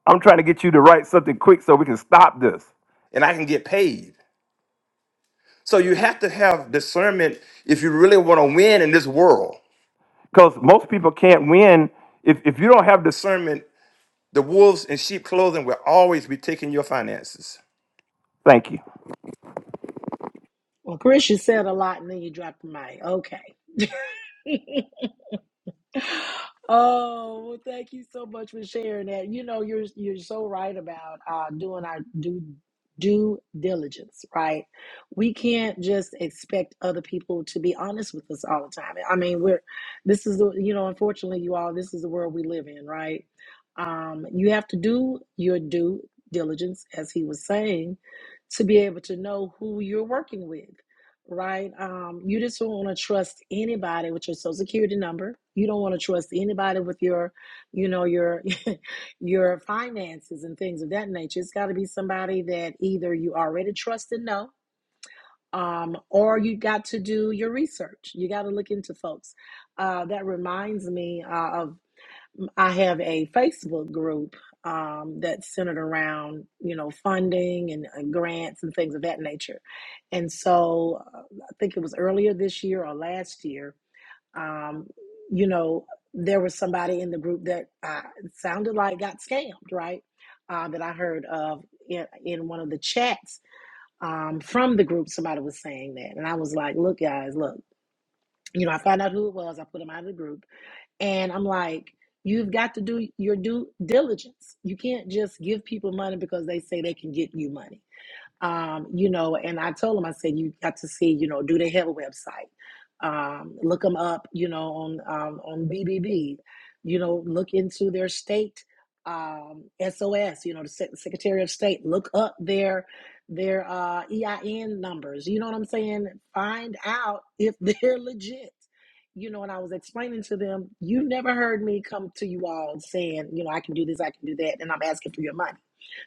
Speaker 8: I'm trying to get you to write something quick so we can stop this and I can get paid. So you have to have discernment if you really want to win in this world. Because most people can't win if, if you don't have discernment. The wolves in sheep clothing will always be taking your finances. Thank you.
Speaker 1: Well, Chris, you said a lot and then you dropped the mic. Okay. Oh, well, thank you so much for sharing that. You know, you're you're so right about uh, doing our due due diligence, right? We can't just expect other people to be honest with us all the time. I mean, we're this is the you know, unfortunately, you all, this is the world we live in, right? Um, you have to do your due diligence, as he was saying, to be able to know who you're working with right? Um, you just don't want to trust anybody with your social security number. You don't want to trust anybody with your, you know, your your finances and things of that nature. It's got to be somebody that either you already trust and know, um, or you got to do your research. You got to look into folks. Uh, that reminds me uh, of I have a Facebook group um, that's centered around, you know, funding and, and grants and things of that nature. And so uh, I think it was earlier this year or last year, um, you know, there was somebody in the group that uh, sounded like got scammed, right? Uh, that I heard of in, in one of the chats um, from the group. Somebody was saying that. And I was like, look, guys, look, you know, I found out who it was. I put them out of the group and I'm like, you've got to do your due diligence. You can't just give people money because they say they can get you money um, you know, and I told him, I said, you got to see, you know, do the Hell website, um, look them up, you know, on um, on BBB, you know, look into their state um, SOS, you know, the Secretary of State, look up their their uh, EIN numbers, you know what I'm saying? Find out if they're legit. You know, and I was explaining to them, you never heard me come to you all saying, you know, I can do this, I can do that, and I'm asking for your money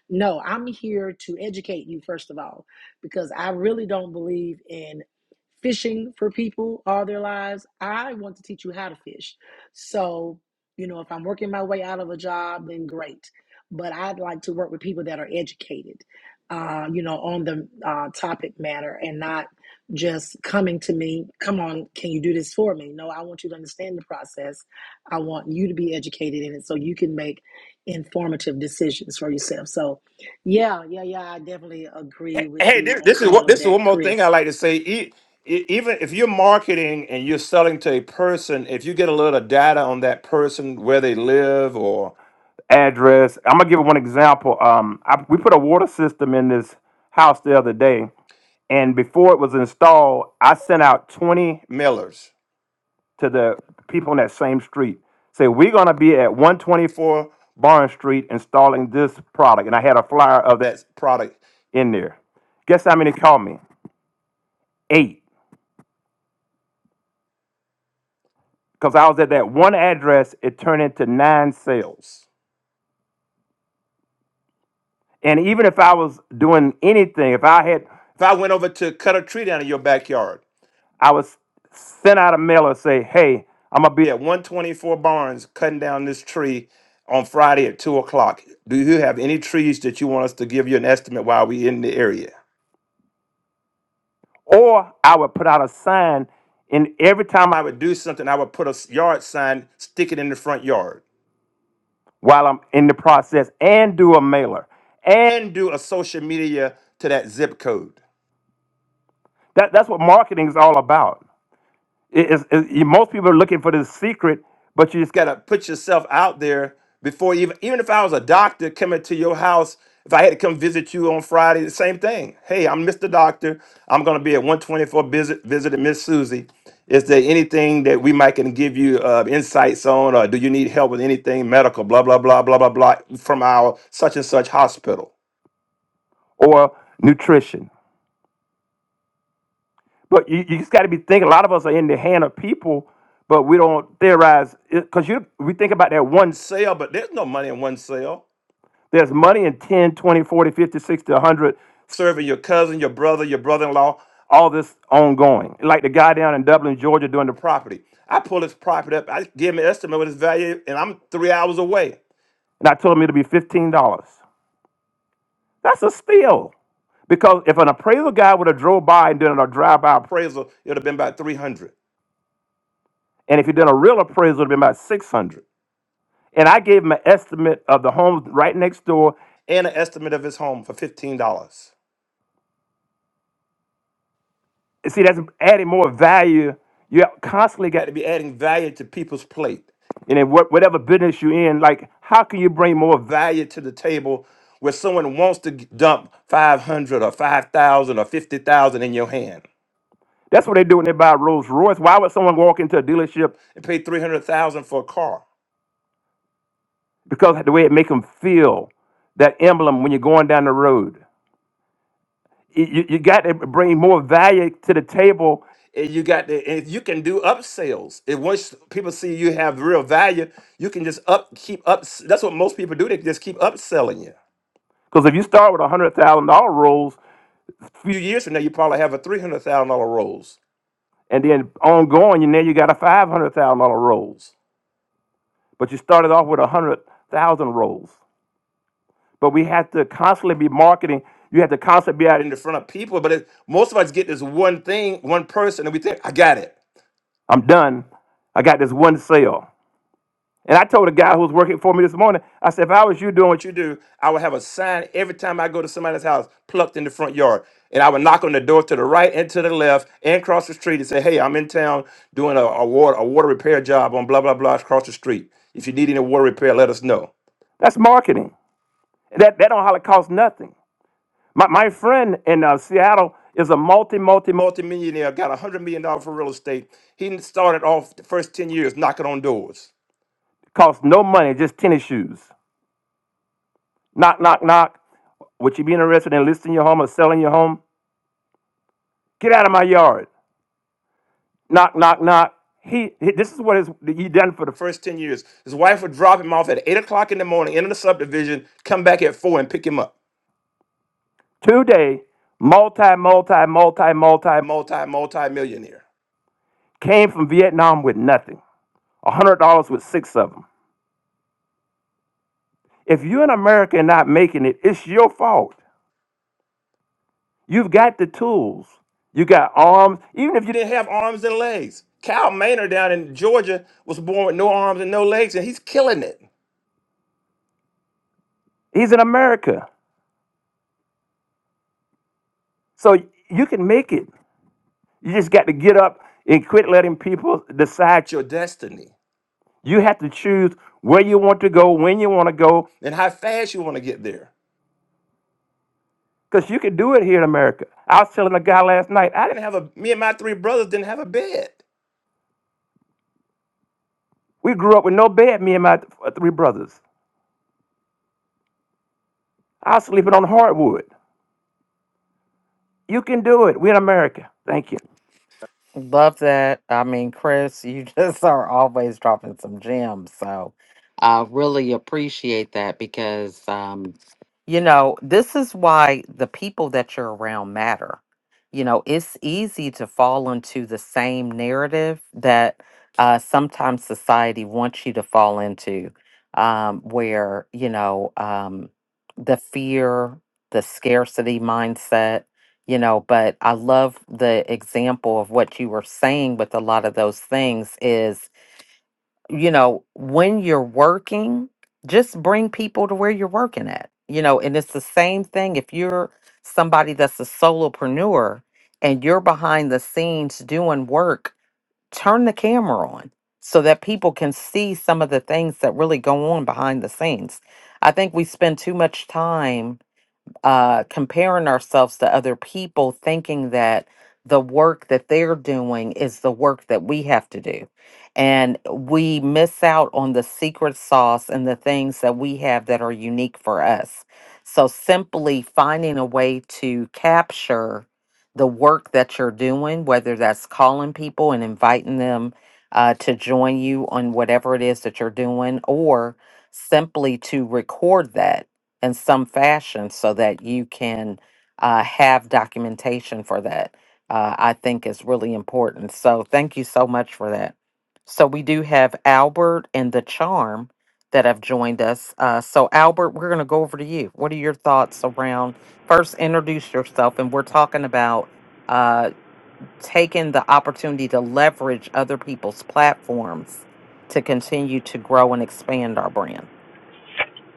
Speaker 1: no, I'm here to educate you, first of all, because I really don't believe in fishing for people all their lives. I want to teach you how to fish. So, you know, if I'm working my way out of a job, then great. But I'd like to work with people that are educated, uh, you know, on the uh, topic matter and not just coming to me, come on, can you do this for me? No, I want you to understand the process. I want you to be educated in it so you can make informative decisions for yourself. So, yeah, yeah, yeah. I definitely agree with
Speaker 8: Hey,
Speaker 1: you
Speaker 8: this,
Speaker 1: on
Speaker 8: this is
Speaker 1: all
Speaker 8: what
Speaker 1: of
Speaker 8: this is one
Speaker 1: that,
Speaker 8: more thing I
Speaker 1: Chris.
Speaker 8: like to say. E- e- Even if you're marketing and you're selling to a person, if you get a little data on that person, where they live, or address. I'm gonna give one example. Um, I, we put a water system in this house the other day, and before it was installed, I sent out 20. Millers. to the people on that same street. Say, we're going to be at 124 Barnes Street installing this product. And I had a flyer of that product in there. Guess how many called me? Eight. Because I was at that one address, it turned into nine sales. And even if I was doing anything, if I had, if I went over to cut a tree down in your backyard, I was sent out a mailer say, hey, I'm gonna be at 124 Barnes cutting down this tree on Friday at two o'clock. Do you have any trees that you want us to give you an estimate while we in the area? Or I would put out a sign, and every time I would do something, I would put a s- yard sign, stick it in the front yard while I'm in the process, and do a mailer, and do a social media to that zip code. That, that's what marketing is all about. It- it's- it- you- most people are looking for the secret, but you just got to put yourself out there before you even. Even if I was a doctor coming to your house, if I had to come visit you on Friday, the same thing. Hey, I'm Mr. Doctor. I'm going to be at 124 visit visiting Miss Susie. Is there anything that we might can give you uh, insights on, or do you need help with anything medical? Blah blah blah blah blah blah from our such and such hospital or nutrition. But you, you just got to be thinking. A lot of us are in the hand of people, but we don't theorize because you we think about that one sale, but there's no money in one sale. There's money in 10, 20, 100, serving your cousin, your brother, your brother in law, all this ongoing. Like the guy down in Dublin, Georgia, doing the property. I pull his property up, I give him an estimate what his value, is, and I'm three hours away. And I told him it'll be $15. That's a steal. Because if an appraisal guy would have drove by and done a drive-by appraisal, it would have been about 300 And if you had done a real appraisal, it'd been about 600. And I gave him an estimate of the home right next door and an estimate of his home for $15. see, that's adding more value. You constantly got to be adding value to people's plate. And in what, whatever business you're in, like, how can you bring more value to the table where someone wants to g- dump 500 or 5,000 or 50,000 in your hand? That's what they do when they buy Rolls Royce. Why would someone walk into a dealership and pay 300,000 for a car? because of the way it make them feel that emblem when you're going down the road you, you got to bring more value to the table and you got to and you can do upsells If once people see you have real value you can just up keep up that's what most people do they just keep upselling you because if you start with a hundred thousand dollar rolls a few years from now you probably have a three hundred thousand dollar rolls and then ongoing you now you got a five hundred thousand dollar rolls but you started off with a hundred thousand rolls But we have to constantly be marketing. You have to constantly be out in the front of people. But it, most of us get this one thing, one person, and we think, I got it. I'm done. I got this one sale. And I told a guy who was working for me this morning, I said, if I was you doing what you do, I would have a sign every time I go to somebody's house plucked in the front yard. And I would knock on the door to the right and to the left and cross the street and say, hey, I'm in town doing a, a, water, a water repair job on blah, blah, blah across the street. If you need any water repair, let us know. That's marketing. That, that don't hardly cost nothing. My, my friend in uh, Seattle is a multi, multi, multi millionaire, got a $100 million dollars for real estate. He started off the first 10 years knocking on doors. Cost no money, just tennis shoes. Knock, knock, knock. Would you be interested in listing your home or selling your home? Get out of my yard. Knock, knock, knock. He, he this is what his, he done for the first 10 years. His wife would drop him off at 8 o'clock in the morning, into the subdivision, come back at 4 and pick him up. Today, multi, multi, multi, multi, multi, multi millionaire. came from Vietnam with nothing. $100 with six of them. If you're in America and not making it, it's your fault. You've got the tools. You got arms, even if you didn't have arms and legs. Cal Maynard down in Georgia was born with no arms and no legs, and he's killing it. He's in America. So you can make it. You just got to get up and quit letting people decide your destiny. You have to choose where you want to go, when you want to go, and how fast you want to get there. Because you can do it here in America. I was telling a guy last night, I didn't have a, me and my three brothers didn't have a bed. We grew up with no bed, me and my th- uh, three brothers. I was sleeping on hardwood. You can do it. We're in America. Thank you.
Speaker 2: Love that. I mean, Chris, you just are always dropping some gems. So I really appreciate that because, um, you know, this is why the people that you're around matter. You know, it's easy to fall into the same narrative that uh, sometimes society wants you to fall into, um, where, you know, um, the fear, the scarcity mindset you know but i love the example of what you were saying with a lot of those things is you know when you're working just bring people to where you're working at you know and it's the same thing if you're somebody that's a solopreneur and you're behind the scenes doing work turn the camera on so that people can see some of the things that really go on behind the scenes i think we spend too much time uh, comparing ourselves to other people, thinking that the work that they're doing is the work that we have to do. And we miss out on the secret sauce and the things that we have that are unique for us. So, simply finding a way to capture the work that you're doing, whether that's calling people and inviting them uh, to join you on whatever it is that you're doing, or simply to record that in some fashion so that you can uh, have documentation for that, uh, I think is really important. So thank you so much for that. So we do have Albert and the Charm that have joined us. Uh, so Albert, we're going to go over to you. What are your thoughts around? First, introduce yourself, and we're talking about uh, taking the opportunity to leverage other people's platforms to continue to grow and expand our brand.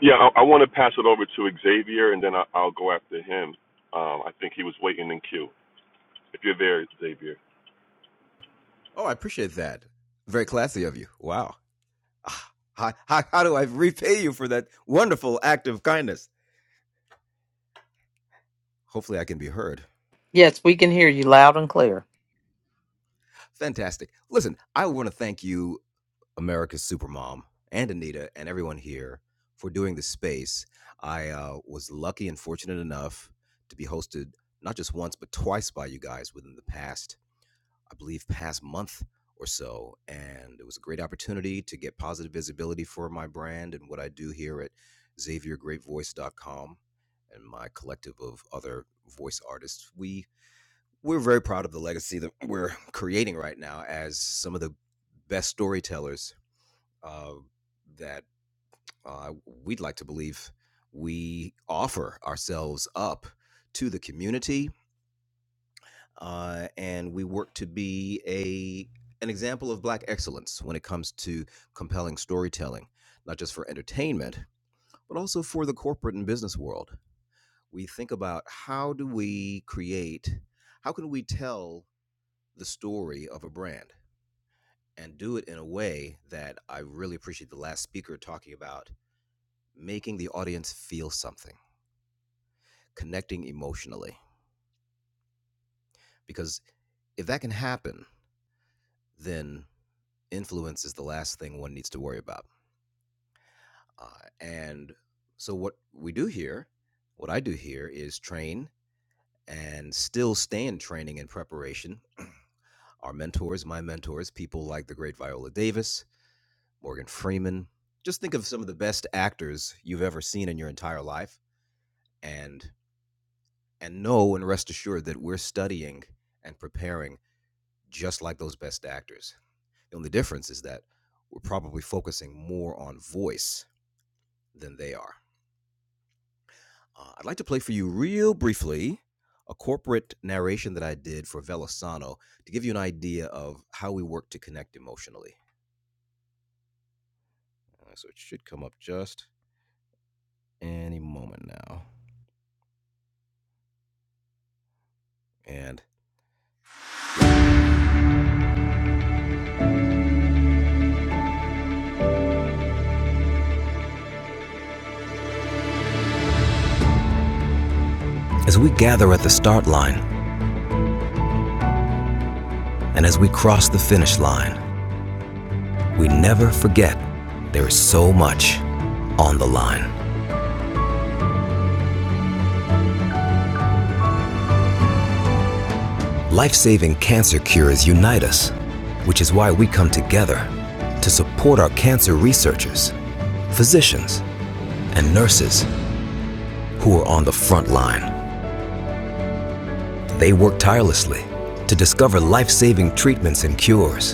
Speaker 9: Yeah, I, I want to pass it over to Xavier, and then I, I'll go after him. Um, I think he was waiting in queue. If you're there, Xavier.
Speaker 2: Yes, we can hear you loud and clear.
Speaker 10: We're at the start line, and as we cross the finish line, we never forget there is so much on the line. Life saving cancer cures unite us, which is why we come together to support our physicians who are on the front line. They work tirelessly to discover life saving treatments and cures.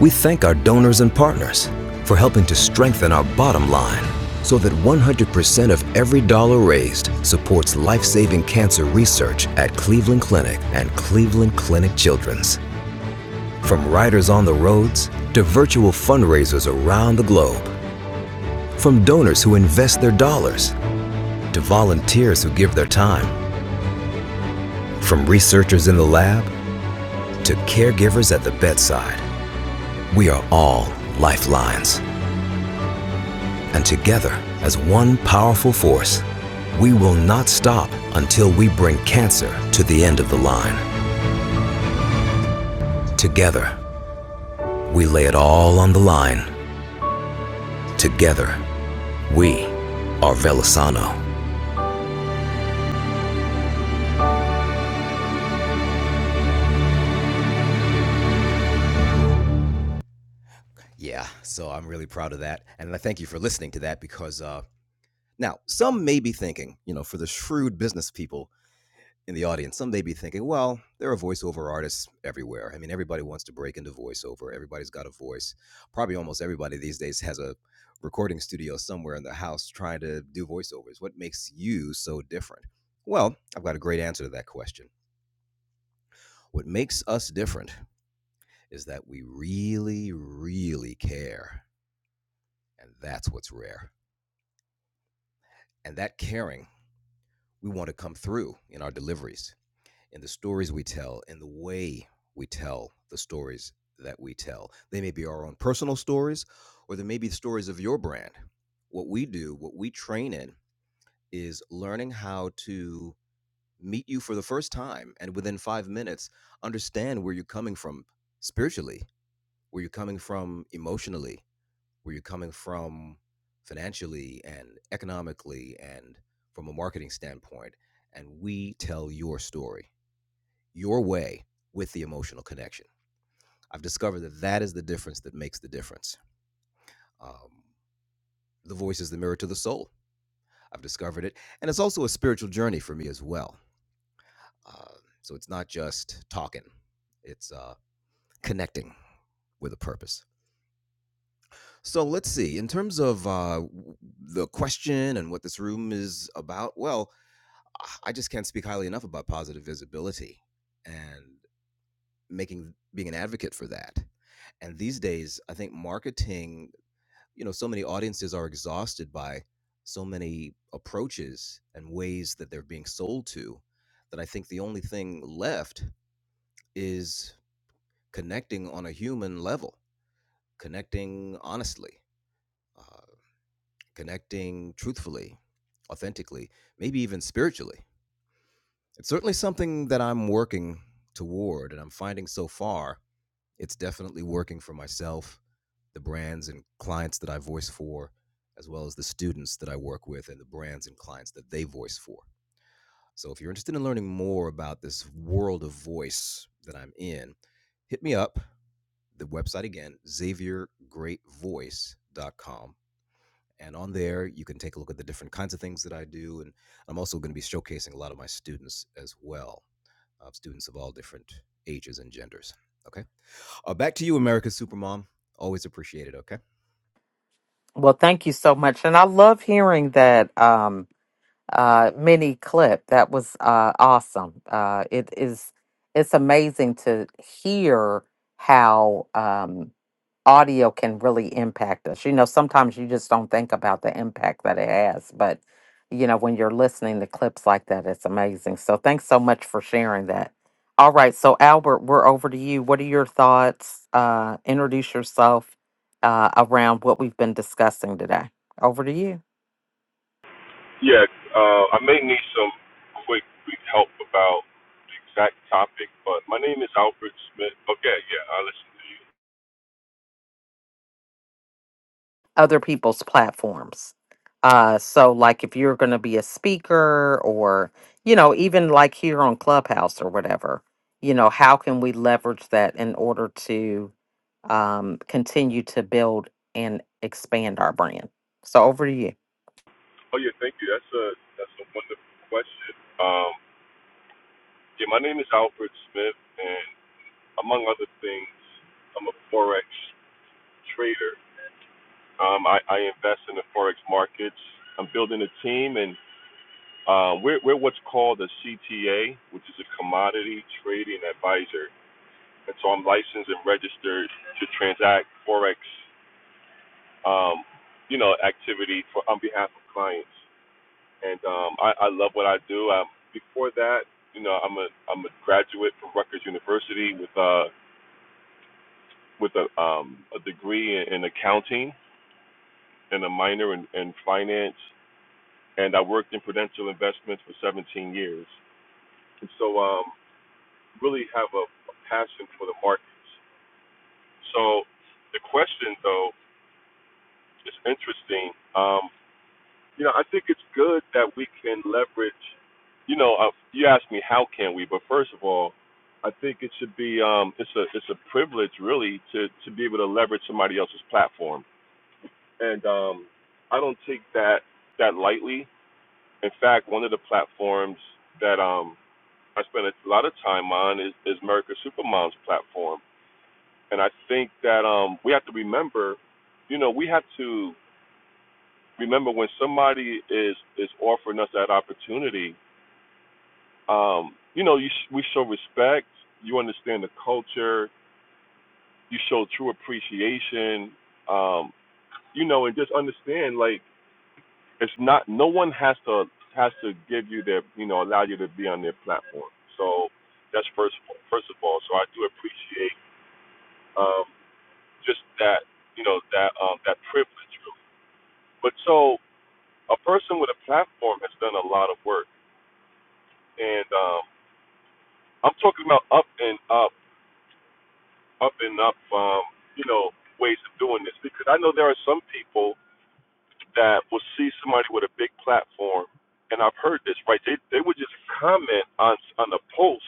Speaker 10: We thank our donors and partners for helping to strengthen our bottom line so that 100% of every dollar raised supports life saving cancer research at Cleveland Clinic and Cleveland Clinic Children's. From riders on the roads to virtual fundraisers around the globe, from donors who invest their dollars to volunteers who give their time, from researchers in the lab to caregivers at the bedside, we are all lifelines. And together, as one powerful force, We will not stop until we bring cancer to the end of the line. Together, we lay it all on the line. Together, we are Velasano.
Speaker 2: Well, thank you so much. And I love hearing that um uh mini clip. That was uh awesome. Uh it is it's amazing to hear how um audio can really impact us. You know, sometimes you just don't think about the impact that it has, but you know, when you're listening to clips like that, it's amazing. So thanks so much for sharing that. All right, so Albert, we're over to you. What are your thoughts? Uh, introduce yourself uh, around what we've been discussing today. Over to you.
Speaker 9: Yeah, uh, I may need some quick, quick help about the exact topic, but my name is Alfred Smith. Okay, yeah, I listen to you.
Speaker 2: other people's platforms. Uh, so, like, if you're going to be a speaker or, you know, even like here on Clubhouse or whatever, you know, how can we leverage that in order to um, continue to build and expand our brand? So, over to you.
Speaker 9: Oh yeah, thank you. That's a that's a wonderful question. Um, yeah, my name is Alfred Smith, and among other things, I'm a forex trader. Um, I, I invest in the forex markets. I'm building a team and Um, we're, we're what's called a CTA, which is a commodity trading advisor. And so I'm licensed and registered to transact forex, um, you know, activity for on behalf of clients. And um, I, I love what I do. Um, before that, you know, I'm a I'm a graduate from Rutgers University with uh with a um a degree in, in accounting and a minor in, in finance. And I worked in Prudential Investments for 17 years. And so um, really have a, a passion for the markets. So the question, though, is interesting. Um, you know, I think it's good that we can leverage. You know, uh, you asked me how can we, but first of all, I think it should be um, it's a it's a privilege really to to be able to leverage somebody else's platform, and um, I don't take that that lightly. In fact, one of the platforms that um, I spend a lot of time on is, is America Supermom's platform And I think that um, we have to remember, you know, we have to remember when somebody is is offering us that opportunity. Um, you know, you sh- we show respect. You understand the culture. You show true appreciation. Um, you know, and just understand like it's not. No one has to has to give you their you know allow you to be on their platform. So that's first first of all. So I do appreciate um, just that you know that um, that privilege. Really. But so a person with a platform has done a lot of work, and um, I'm talking about up and up, up and up, um, you know, ways of doing this because I know there are some people that will see somebody with a big platform, and I've heard this right. They they would just comment on on a post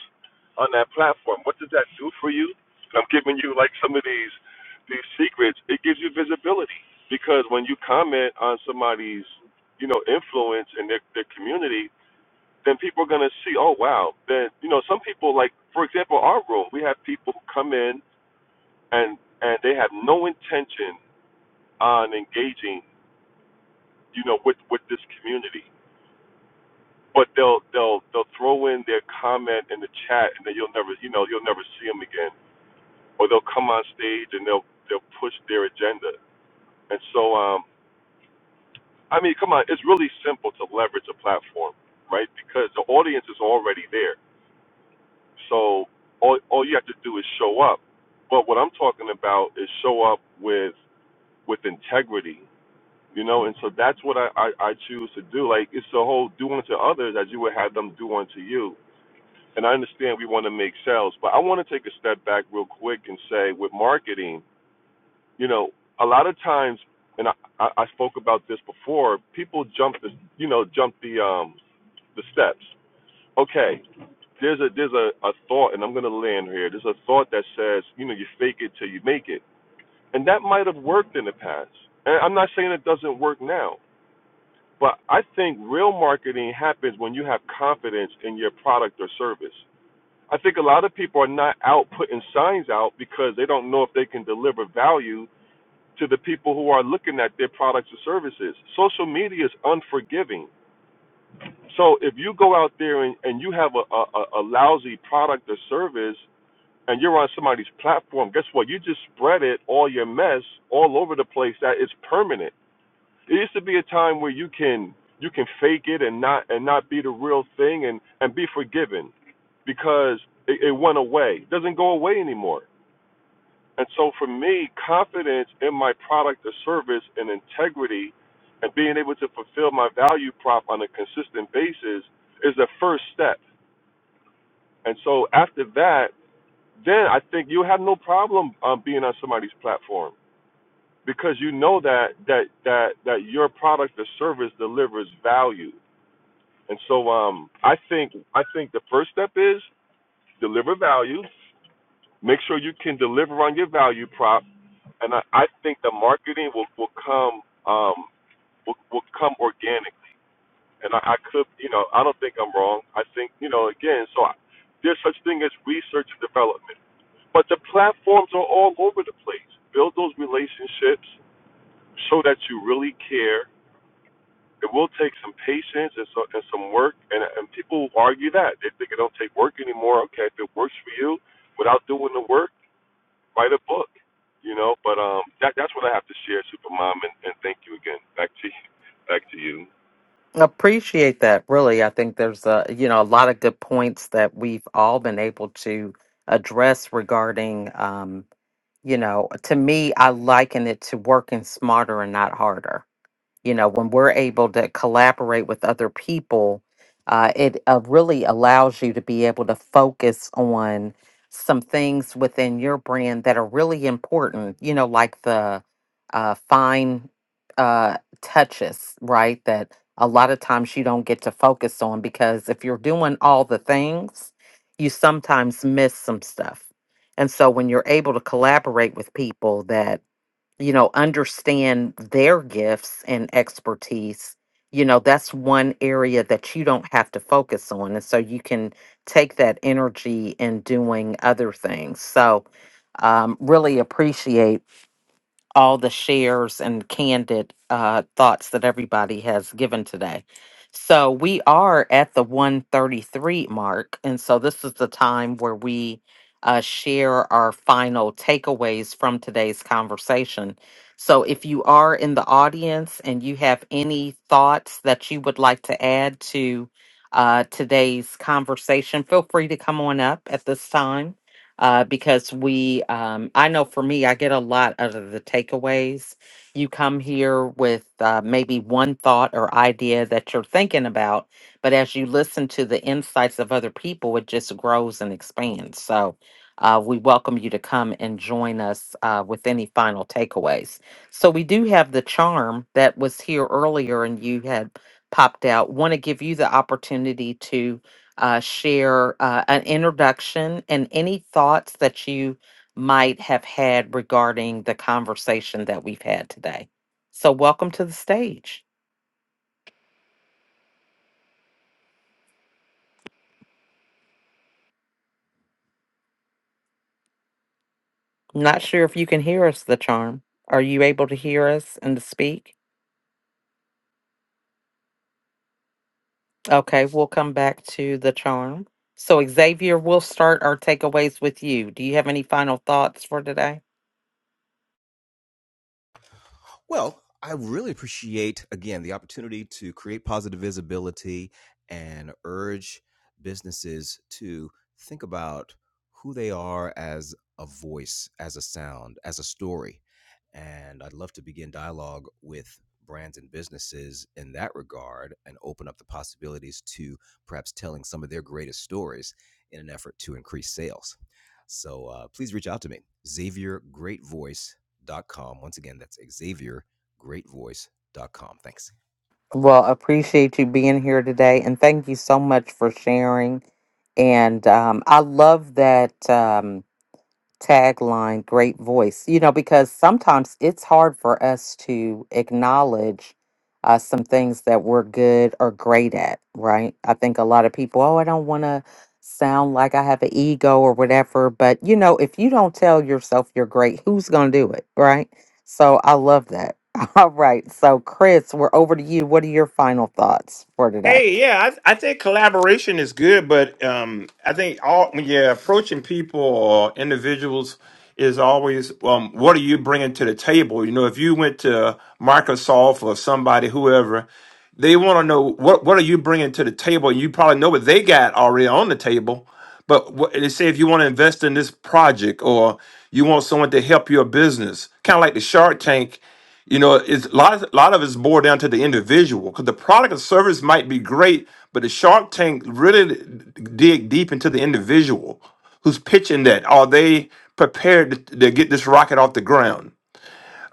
Speaker 9: on that platform. What does that do for you? And I'm giving you like some of these these secrets. It gives you visibility because when you comment on somebody's you know influence in their, their community then people are going to see, oh wow, then you know some people like for example our room, we have people who come in and and they have no intention on engaging, you know, with with this community, but they'll they'll they'll throw in their comment in the chat, and then you'll never you know you'll never see them again, or they'll come on stage and they'll they'll push their agenda, and so um I mean come on, it's really simple to leverage a platform, right? Because the audience is already there So all all you have to do is show up. But what I'm talking about is show up with with integrity, you know. And so that's what I I, I choose to do. Like it's the whole do unto others as you would have them do unto you. And I understand we want to make sales, but I want to take a step back real quick and say with marketing, you know, a lot of times, and I I I spoke about this before. People jump the you know jump the um the steps. Okay, there's a there's a, a thought, and I'm gonna land here. There's a thought that says, you know, you fake it till you make it, and that might have worked in the past. And I'm not saying it doesn't work now, but I think real marketing happens when you have confidence in your product or service. I think a lot of people are not out putting signs out because they don't know if they can deliver value to the people who are looking at their products or services. Social media is unforgiving. So if you go out there and, and you have a, a, a a lousy product or service, and you're on somebody's platform, guess what? You just spread it, all your mess, all over the place. That is permanent. It used to be a time where you can you can fake it and not and not be the real thing and and be forgiven because it, it went away. It doesn't go away anymore. And so for me, confidence in my product or service and integrity and being able to fulfill my value prop on a consistent basis is the first step. And so after that then I think you have no problem um, being on somebody's platform because you know that that that that your product or service delivers value. And so um, I think I think the first step is deliver value. Make sure you can deliver on your value prop, and I, I think the marketing will will come um, will, will come organically. And I, I could you know I don't think I'm wrong. I think you know again. So I, there's such thing as research and development But the platforms are all over the place. Build those relationships, show that you really care. It will take some patience and, so, and some work, and, and people argue that. They think it don't take work anymore. Okay, if it works for you without doing the work, write a book, you know. But um, that, that's what I have to share, Supermom, and, and thank you again. Back to you. Back to you.
Speaker 2: Appreciate that. Really, I think there's a, you know, a lot of good points that we've all been able to address regarding, um, you know, to me, I liken it to working smarter and not harder you know when we're able to collaborate with other people uh, it uh, really allows you to be able to focus on some things within your brand that are really important you know like the uh, fine uh, touches right that a lot of times you don't get to focus on because if you're doing all the things you sometimes miss some stuff and so when you're able to collaborate with people that you know, understand their gifts and expertise, you know, that's one area that you don't have to focus on. And so you can take that energy in doing other things. So, um, really appreciate all the shares and candid uh, thoughts that everybody has given today. So we are at the 133 mark. And so this is the time where we uh, share our final takeaways from today's conversation. So if you are in the audience and you have any thoughts that you would like to add to uh, today's conversation, feel free to come on up at this time uh, because we, um, I know for me, I get a lot out of the takeaways. You come here with uh, maybe one thought or idea that you're thinking about, but as you listen to the insights of other people, it just grows and expands. So uh, we welcome you to come and join us uh, with any final takeaways. So we do have the charm that was here earlier and you had popped out. Want to give you the opportunity uh, share uh, an introduction and any thoughts that you might have had regarding the conversation that we've had today. So, welcome to the stage. Not sure if you can hear us, the charm. Are you able to hear us and to speak? Okay, we'll come back to the charm. So, Xavier, we'll start our takeaways with you. Do you have any final thoughts for today? Well, appreciate you being here today, and thank you so much for sharing. And um, I love that. Um, tagline great voice you know because sometimes it's hard for us to acknowledge uh, some things that we're good or great at right i think a lot of people oh i don't want to sound like i have an ego or whatever but you know if you don't tell yourself you're great who's going to do it right so i love that all right so chris we're over to you what are your final thoughts for today
Speaker 8: Hey, yeah, I, th- I think collaboration is good, but um, I think all when you're approaching people or individuals is always um, what are you bringing to the table? You know, if you went to Microsoft or somebody, whoever, they want to know what what are you bringing to the table. You probably know what they got already on the table, but what, they say if you want to invest in this project or you want someone to help your business, kind of like the Shark Tank. You know, it's a lot of a lot of it's boiled down to the individual because the product or service might be great, but the Shark Tank really dig deep into the individual who's pitching that. Are they prepared to, to get this rocket off the ground?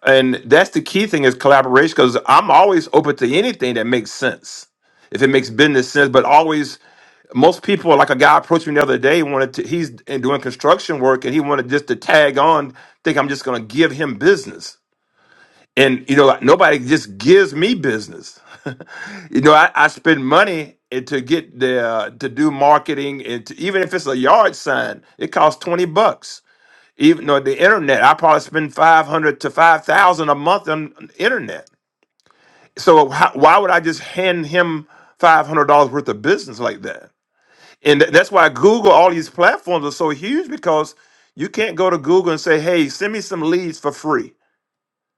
Speaker 8: And that's the key thing is collaboration because I'm always open to anything that makes sense if it makes business sense, but always most people like a guy approached me the other day wanted to he's doing construction work and he wanted just to tag on think i'm just going to give him business and you know like, nobody just gives me business you know i, I spend money and to get the uh, to do marketing and to, even if it's a yard sign it costs 20 bucks even though the internet i probably spend 500 to 5000 a month on internet so how, why would i just hand him $500 worth of business like that and th- that's why google all these platforms are so huge because you can't go to google and say hey send me some leads for free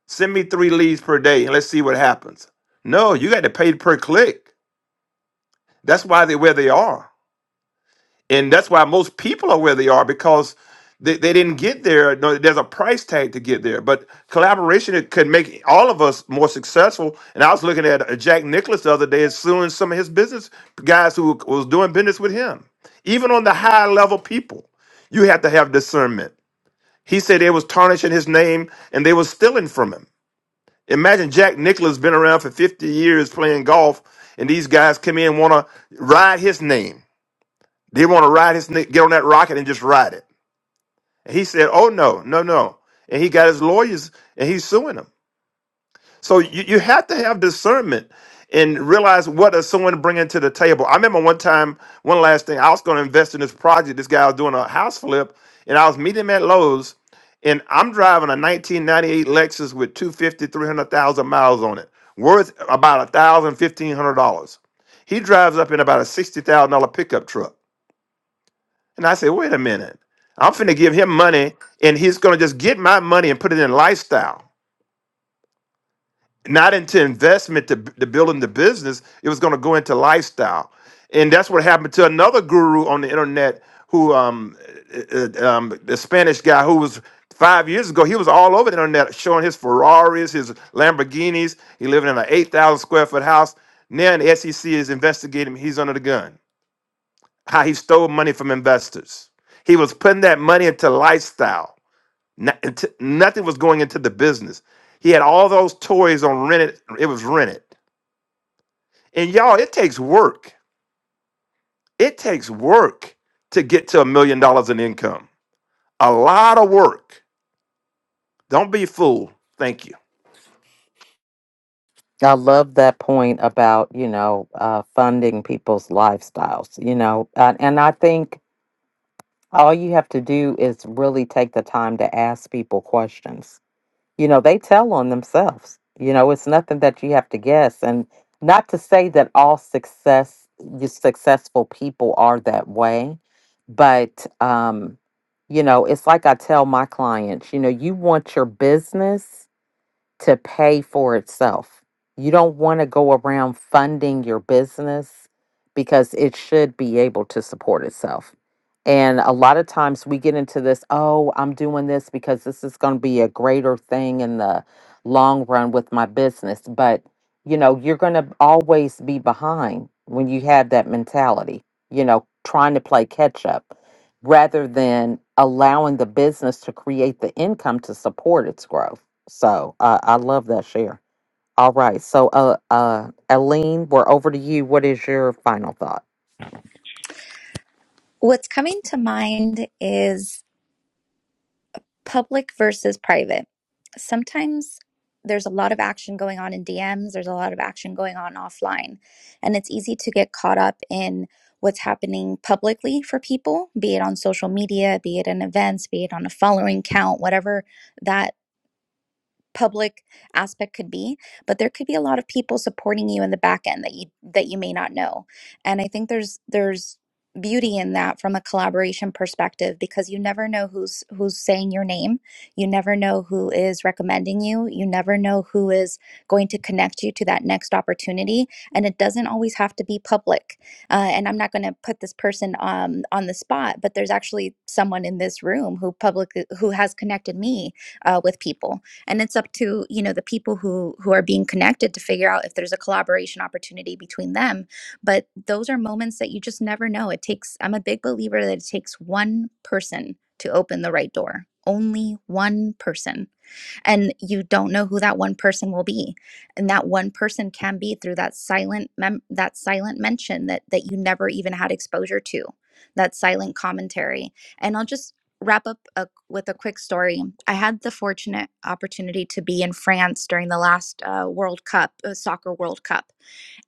Speaker 8: Send me three leads per day and let's see what happens. No, you got to pay per click. That's why they're where they are. And that's why most people are where they are because they, they didn't get there. No, there's a price tag to get there. But collaboration it could make all of us more successful. And I was looking at uh, Jack Nicholas the other day is suing some of his business guys who was doing business with him. Even on the high level people, you have to have discernment. He said they was tarnishing his name and they was stealing from him. Imagine Jack Nicklaus been around for 50 years playing golf, and these guys come in want to ride his name. They want to ride his na- get on that rocket and just ride it. And he said, "Oh no, no, no!" And he got his lawyers, and he's suing them. So you, you have to have discernment and realize what is someone bringing to the table. I remember one time, one last thing, I was going to invest in this project. This guy was doing a house flip, and I was meeting him at Lowe's, and I'm driving a 1998 Lexus with two fifty three hundred thousand miles on it, worth about a thousand, fifteen hundred dollars. He drives up in about a sixty thousand dollar pickup truck, and I say, "Wait a minute, I'm finna give him money, and he's gonna just get my money and put it in lifestyle." not into investment to, to building the business. It was going to go into lifestyle, and that's what happened to another guru on the internet who, um, uh, uh, uh, um, the Spanish guy who was five years ago. He was all over the internet showing his Ferraris, his Lamborghinis. He living in an eight thousand square foot house. Now the SEC is investigating. him. He's under the gun. How he stole money from investors. He was putting that money into lifestyle not, int- nothing was going into the business. He had all those toys on rented. It was rented. And y'all, it takes work. It takes work to get to a million dollars in income. A lot of work. Don't be fooled. Thank you.
Speaker 2: I love that point about, you know, uh, funding people's lifestyles, you know, uh, and I think all you have to do is really take the time to ask people questions. You know, they tell on themselves. You know, it's nothing that you have to guess. And not to say that all success, you successful people are that way, but, um, you know, it's like I tell my clients, you know, you want your business to pay for itself. You don't want to go around funding your business because it should be able to support itself. And a lot of times we get into this, oh, I'm doing this because this is going to be a greater thing in the long run with my business. But, you know, you're going to always be behind when you have that mentality, you know, trying to play catch up rather than allowing the business to create the income to support its growth. So uh, I love that share. All right. So, uh, uh, Aline, we're over to you. What is your final thought?
Speaker 6: What's coming to mind is public versus private. Sometimes there's a lot of action going on in DMs, there's a lot of action going on offline, and it's easy to get caught up in what's happening publicly for people, be it on social media, be it in events, be it on a following count, whatever that public aspect could be but there could be a lot of people supporting you in the back end that you that you may not know and i think there's there's beauty in that from a collaboration perspective because you never know who's who's saying your name you never know who is recommending you you never know who is going to connect you to that next opportunity and it doesn't always have to be public uh, and i'm not going to put this person um, on the spot but there's actually someone in this room who public who has connected me uh, with people and it's up to you know the people who who are being connected to figure out if there's a collaboration opportunity between them but those are moments that you just never know it takes i'm a big believer that it takes one person to open the right door only one person and you don't know who that one person will be and that one person can be through that silent mem- that silent mention that that you never even had exposure to that silent commentary and i'll just wrap up a, with a quick story i had the fortunate opportunity to be in france during the last uh, world cup uh, soccer world cup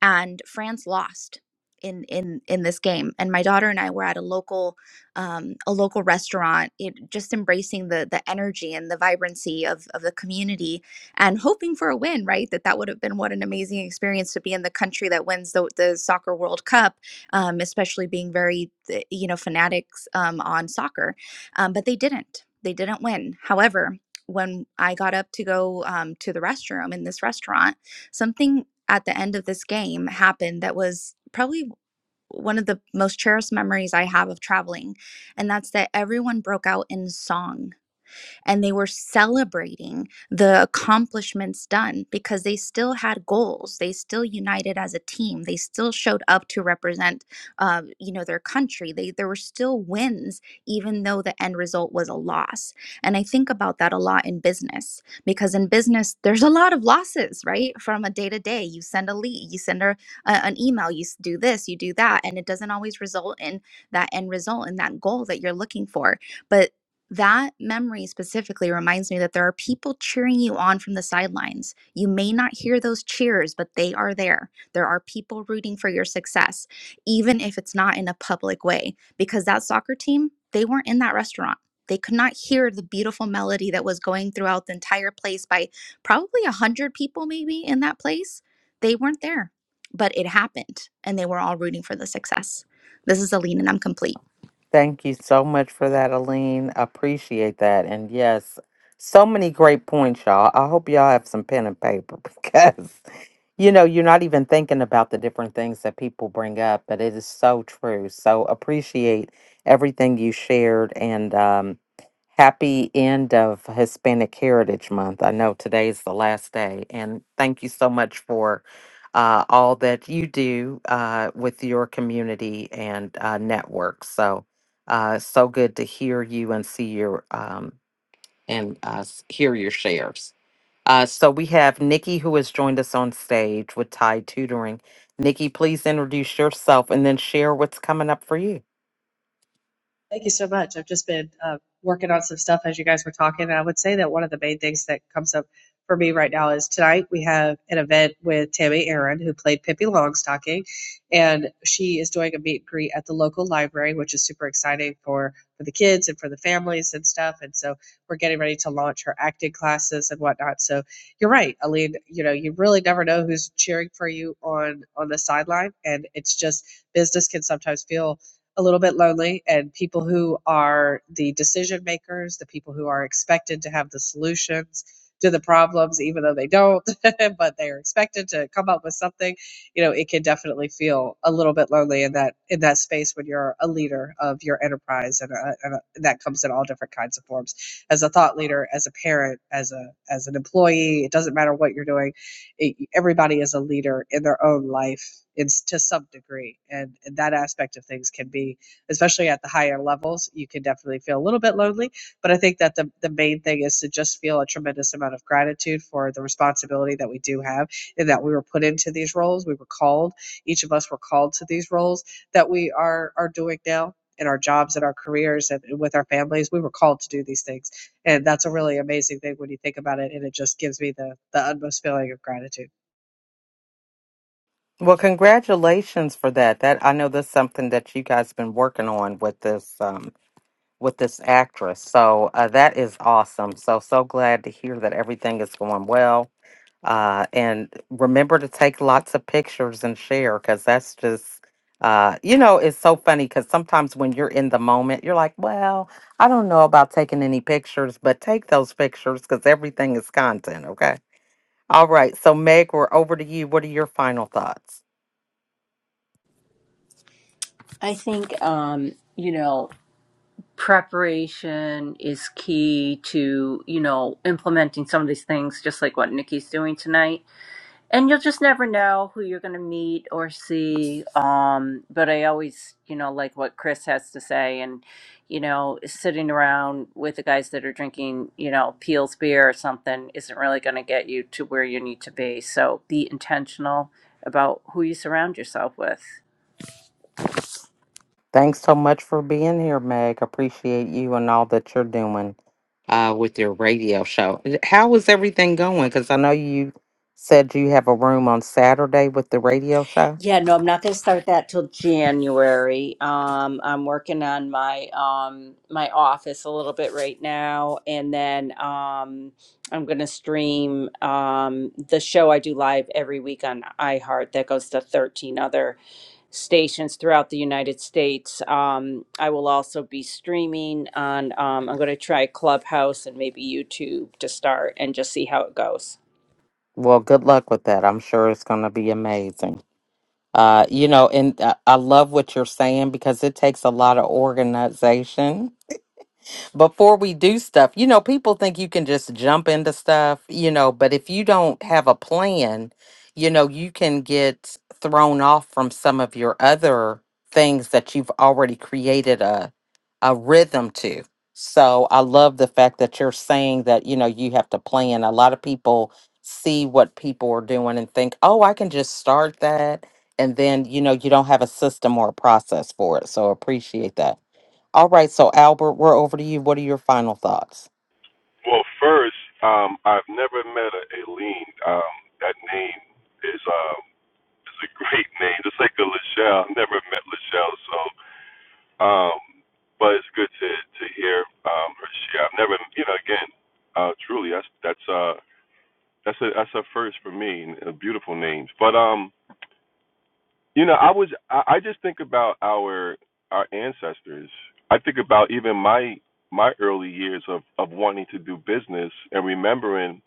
Speaker 6: and france lost in in in this game and my daughter and i were at a local um, a local restaurant, it, just embracing the the energy and the vibrancy of of the community, and hoping for a win. Right, that that would have been what an amazing experience to be in the country that wins the the soccer World Cup, um, especially being very eh, you know fanatics um, on soccer, um, but they didn't. They didn't win. However, when I got up to go um, to the restroom in this restaurant, something at the end of this game happened that was probably one of the most cherished memories I have of traveling, and that's that everyone broke out in song and they were celebrating the accomplishments done because they still had goals. They still united as a team. They still showed up to represent, uh, you know, their country. They there were still wins, even though the end result was a loss. And I think about that a lot in business because in business there's a lot of losses, right? From a day to day, you send a lead, you send a, a an email, you s- do this, you do that, and it doesn't always result in that end result and that goal that you're looking for But that memory specifically reminds me that there are people cheering you on from the sidelines. You may not hear those cheers, but they are there. There are people rooting for your success, even if it's not in a public way, because that soccer team, they weren't in that restaurant. They could not hear the beautiful melody that was going throughout the entire place by probably a 100 people, maybe in that place. They weren't there, but it happened, and they were all rooting for the success. This is Aline, and I'm complete.
Speaker 2: Thank you so much for that, Aline. Appreciate that. And yes, so many great points, y'all. I hope y'all have some pen and paper because, you know, you're not even thinking about the different things that people bring up, but it is so true. So appreciate everything you shared and um, happy end of Hispanic Heritage Month. I know today's the last day. And thank you so much for. Uh, all that you do uh, with your community and uh, network. So, uh, it's so good to hear you and see your um, and uh, s- hear your shares. Uh, so we have Nikki who has joined us on stage with Tide Tutoring. Nikki, please introduce yourself and then share what's coming up for you.
Speaker 11: Thank you so much. I've just been uh, working on some stuff as you guys were talking. And I would say that one of the main things that comes up for me right now is tonight we have an event with Tammy Aaron, who played Pippi Longstocking, and she is doing a meet and greet at the local library, which is super exciting for for the kids and for the families and stuff. And so we're getting ready to launch her acting classes and whatnot. So you're right, Aline. You know, you really never know who's cheering for you on on the sideline, and it's just business can sometimes feel a little bit lonely and people who are the decision makers, the people who are expected to have the solutions to the problems, even though they don't, but they are expected to come up with something, you know, it can definitely feel a little bit lonely in that in that space when you're a leader of your enterprise, and, uh and uh, that comes in all different kinds of forms. As a thought leader, as a parent, as a as an employee, it doesn't matter what you're doing it, everybody is a leader in their own life in, to some degree and, and that aspect of things can be especially at the higher levels you can definitely feel a little bit lonely but i think that the, the main thing is to just feel a tremendous amount of gratitude for the responsibility that we do have and that we were put into these roles we were called each of us were called to these roles that we are are doing now in our jobs and our careers and with our families we were called to do these things and that's a really amazing thing when you think about it and it just gives me the the utmost feeling of gratitude
Speaker 2: Well, congratulations for that. That I know that's something that you guys been working on with this um with this actress. So uh, that is awesome. So so glad to hear that everything is going well. Uh, and remember to take lots of pictures and share because that's just uh you know it's so funny because sometimes when you're in the moment you're like well i don't know about taking any pictures but take those pictures because everything is content okay All right. So, Meg, we're over to you. What are your final thoughts?
Speaker 5: I think um, you know preparation is key to you know implementing some of these things just like what nikki's doing tonight and you'll just never know who you're going to meet or see um but i always you know like what chris has to say and you know sitting around with the guys that are drinking you know peels beer or something isn't really going to get you to where you need to be so be intentional about who you surround yourself with
Speaker 2: Thanks so much for being here, Meg. Appreciate you and all that you're doing uh, with your radio show. How is everything going? Because I know you said you have a room on Saturday with the radio show.
Speaker 5: Yeah, no, I'm not going to start that till January. Um, I'm working on my um my office a little bit right now, and then um I'm going to stream um the show I do live every week on iHeart that goes to 13 other stations throughout the United States. Um, I will also be streaming on um, I'm going to try Clubhouse and maybe YouTube to start and just see how it goes.
Speaker 2: Well, good luck with that. I'm sure it's going to be amazing. Uh, you know, and uh, I love what you're saying because it takes a lot of organization before we do stuff. You know, people think you can just jump into stuff, you know, but if you don't have a plan, you know, you can get thrown off from some of your other things that you've already created a a rhythm to. So I love the fact that you're saying that, you know, you have to plan. A lot of people see what people are doing and think, "Oh, I can just start that." And then, you know, you don't have a system or a process for it. So appreciate that. All right, so Albert, we're over to you. What are your final thoughts?
Speaker 9: Well, first, um, I've never met a Aileen. Um, that name is. Um, It's a great name, just like the Lachelle. I've never met Lachelle, so um, but it's good to to hear um, her share. I've never, you know, again, uh, truly, that's that's uh that's a that's a first for me, and a beautiful names. But um, you know, I was I, I just think about our our ancestors. I think about even my my early years of of wanting to do business and remembering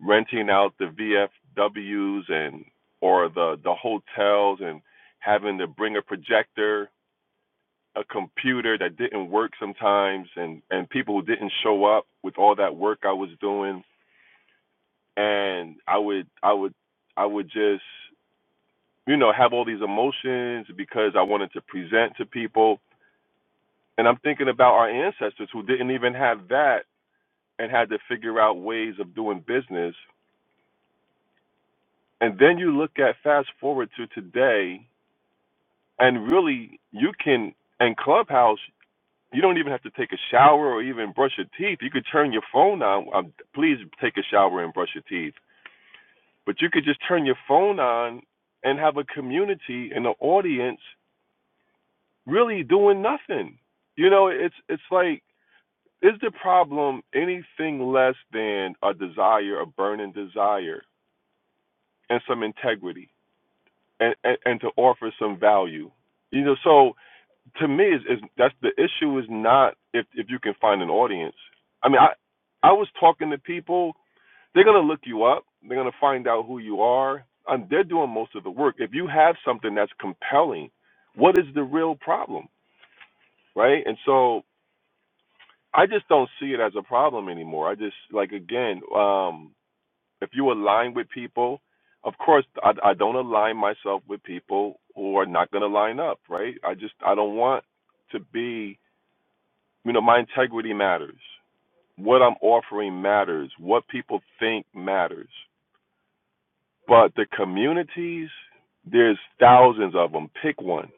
Speaker 9: renting out the VFWs and or the the hotels and having to bring a projector, a computer that didn't work sometimes and and people who didn't show up with all that work I was doing and I would I would I would just you know have all these emotions because I wanted to present to people and I'm thinking about our ancestors who didn't even have that and had to figure out ways of doing business and then you look at fast forward to today And really, you can, and Clubhouse, you don't even have to take a shower or even brush your teeth. You could turn your phone on. Um, please take a shower and brush your teeth. But you could just turn your phone on and have a community and an audience really doing nothing. You know, it's it's like, is the problem anything less than a desire, a burning desire, and some integrity, and, and, and to offer some value? You know, so to me is, is that's the issue is not if if you can find an audience. I mean, I I was talking to people. They're gonna look you up. They're gonna find out who you are. And they're doing most of the work. If you have something that's compelling, what is the real problem, right? And so I just don't see it as a problem anymore. I just like again, um, if you align with people, of course I, I don't align myself with people who are not gonna line up, right? I just I don't want to be You know, my integrity matters. What I'm offering matters. What people think matters. But the communities, there's thousands of them. Pick one.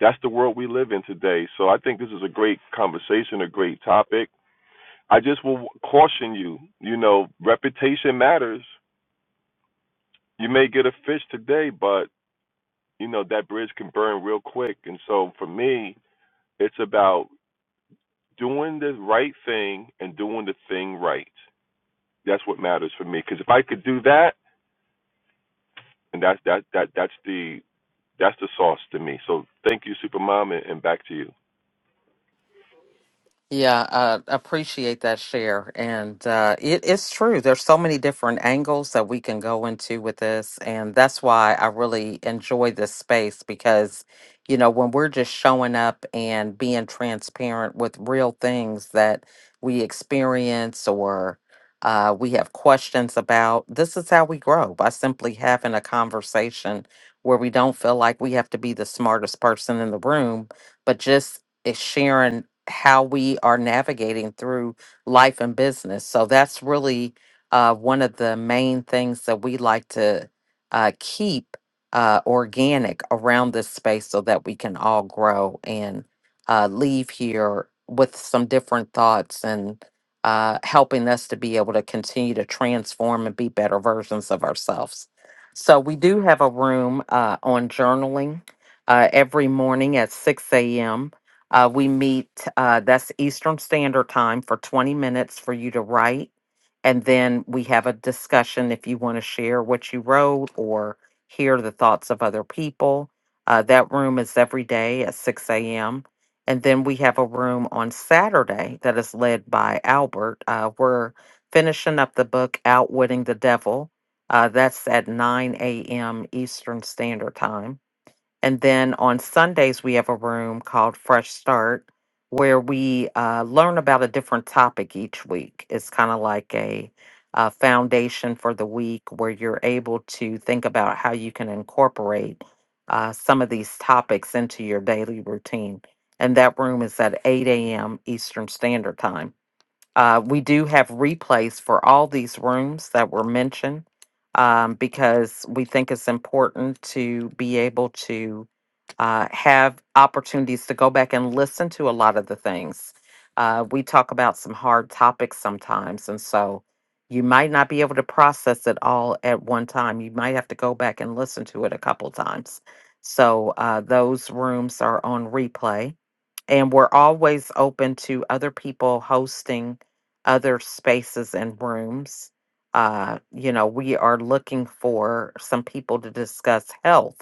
Speaker 9: That's the world we live in today. So I think this is a great conversation, a great topic. I just will caution you, you know, reputation matters. You may get a fish today, but, you know, that bridge can burn real quick. And so for me, it's about doing the right thing and doing the thing right. That's what matters for me. Because if I could do that, and that's that that that's the that's the sauce to me. So thank you, Supermom, and, and back to you.
Speaker 2: Yeah, uh, appreciate that share. And uh, it is true. There's so many different angles that we can go into with this. And that's why I really enjoy this space because, you know, when we're just showing up and being transparent with real things that we experience or uh, we have questions about, this is how we grow by simply having a conversation where we don't feel like we have to be the smartest person in the room, but just is sharing how we are navigating through life and business. So that's really uh, one of the main things that we like to uh, keep uh, organic around this space so that we can all grow and uh, leave here with some different thoughts and uh, helping us to be able to continue to transform and be better versions of ourselves. So we do have a room uh, on journaling uh, every morning at 6 a.m uh, we meet, uh, that's Eastern Standard Time for 20 minutes for you to write. And then we have a discussion if you want to share what you wrote or hear the thoughts of other people. Uh, that room is every day at 6 a.m. And then we have a room on Saturday that is led by Albert. Uh, we're finishing up the book, Outwitting the Devil. Uh, that's at 9 a.m. Eastern Standard Time. And then on Sundays, we have a room called Fresh Start where we uh, learn about a different topic each week. It's kind of like a, uh foundation for the week where you're able to think about how you can incorporate uh, some of these topics into your daily routine. And that room is at 8 a.m. Eastern Standard Time. Uh, we do have replays for all these rooms that were mentioned um, because we think it's important to be able to uh, have opportunities to go back and listen to a lot of the things. Uh, we talk about some hard topics sometimes, and so you might not be able to process it all at one time. You might have to go back and listen to it a couple times. So uh, those rooms are on replay and we're always open to other people hosting other spaces and rooms. Uh, you know, we are looking for some people to discuss health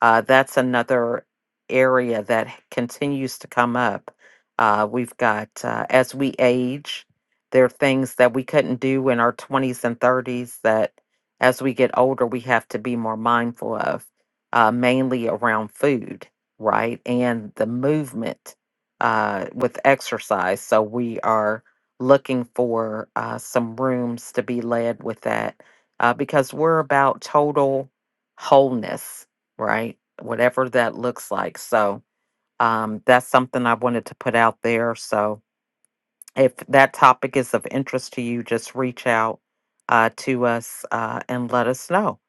Speaker 2: uh, that's another area that h- continues to come up. Uh, we've got, uh, as we age, there are things that we couldn't do in our 20s and 30s that as we get older, we have to be more mindful of, uh, mainly around food, right? And the movement uh, with exercise. So we are looking for uh, some rooms to be led with that uh, because we're about total wholeness right? Whatever that looks like. So um, that's something I wanted to put out there. So if that topic is of interest to you, just reach out uh, to us uh, and let us know.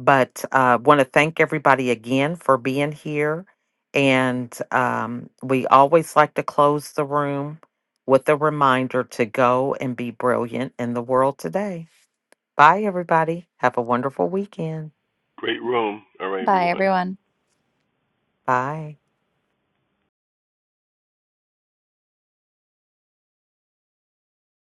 Speaker 2: But uh, want to thank everybody again for being here. And um, we always like to close the room with a reminder to go and be brilliant in the world today. Bye, everybody. Have a wonderful weekend.
Speaker 9: Great room. All right,
Speaker 6: Bye,
Speaker 9: everyone.
Speaker 6: everyone.
Speaker 2: Bye.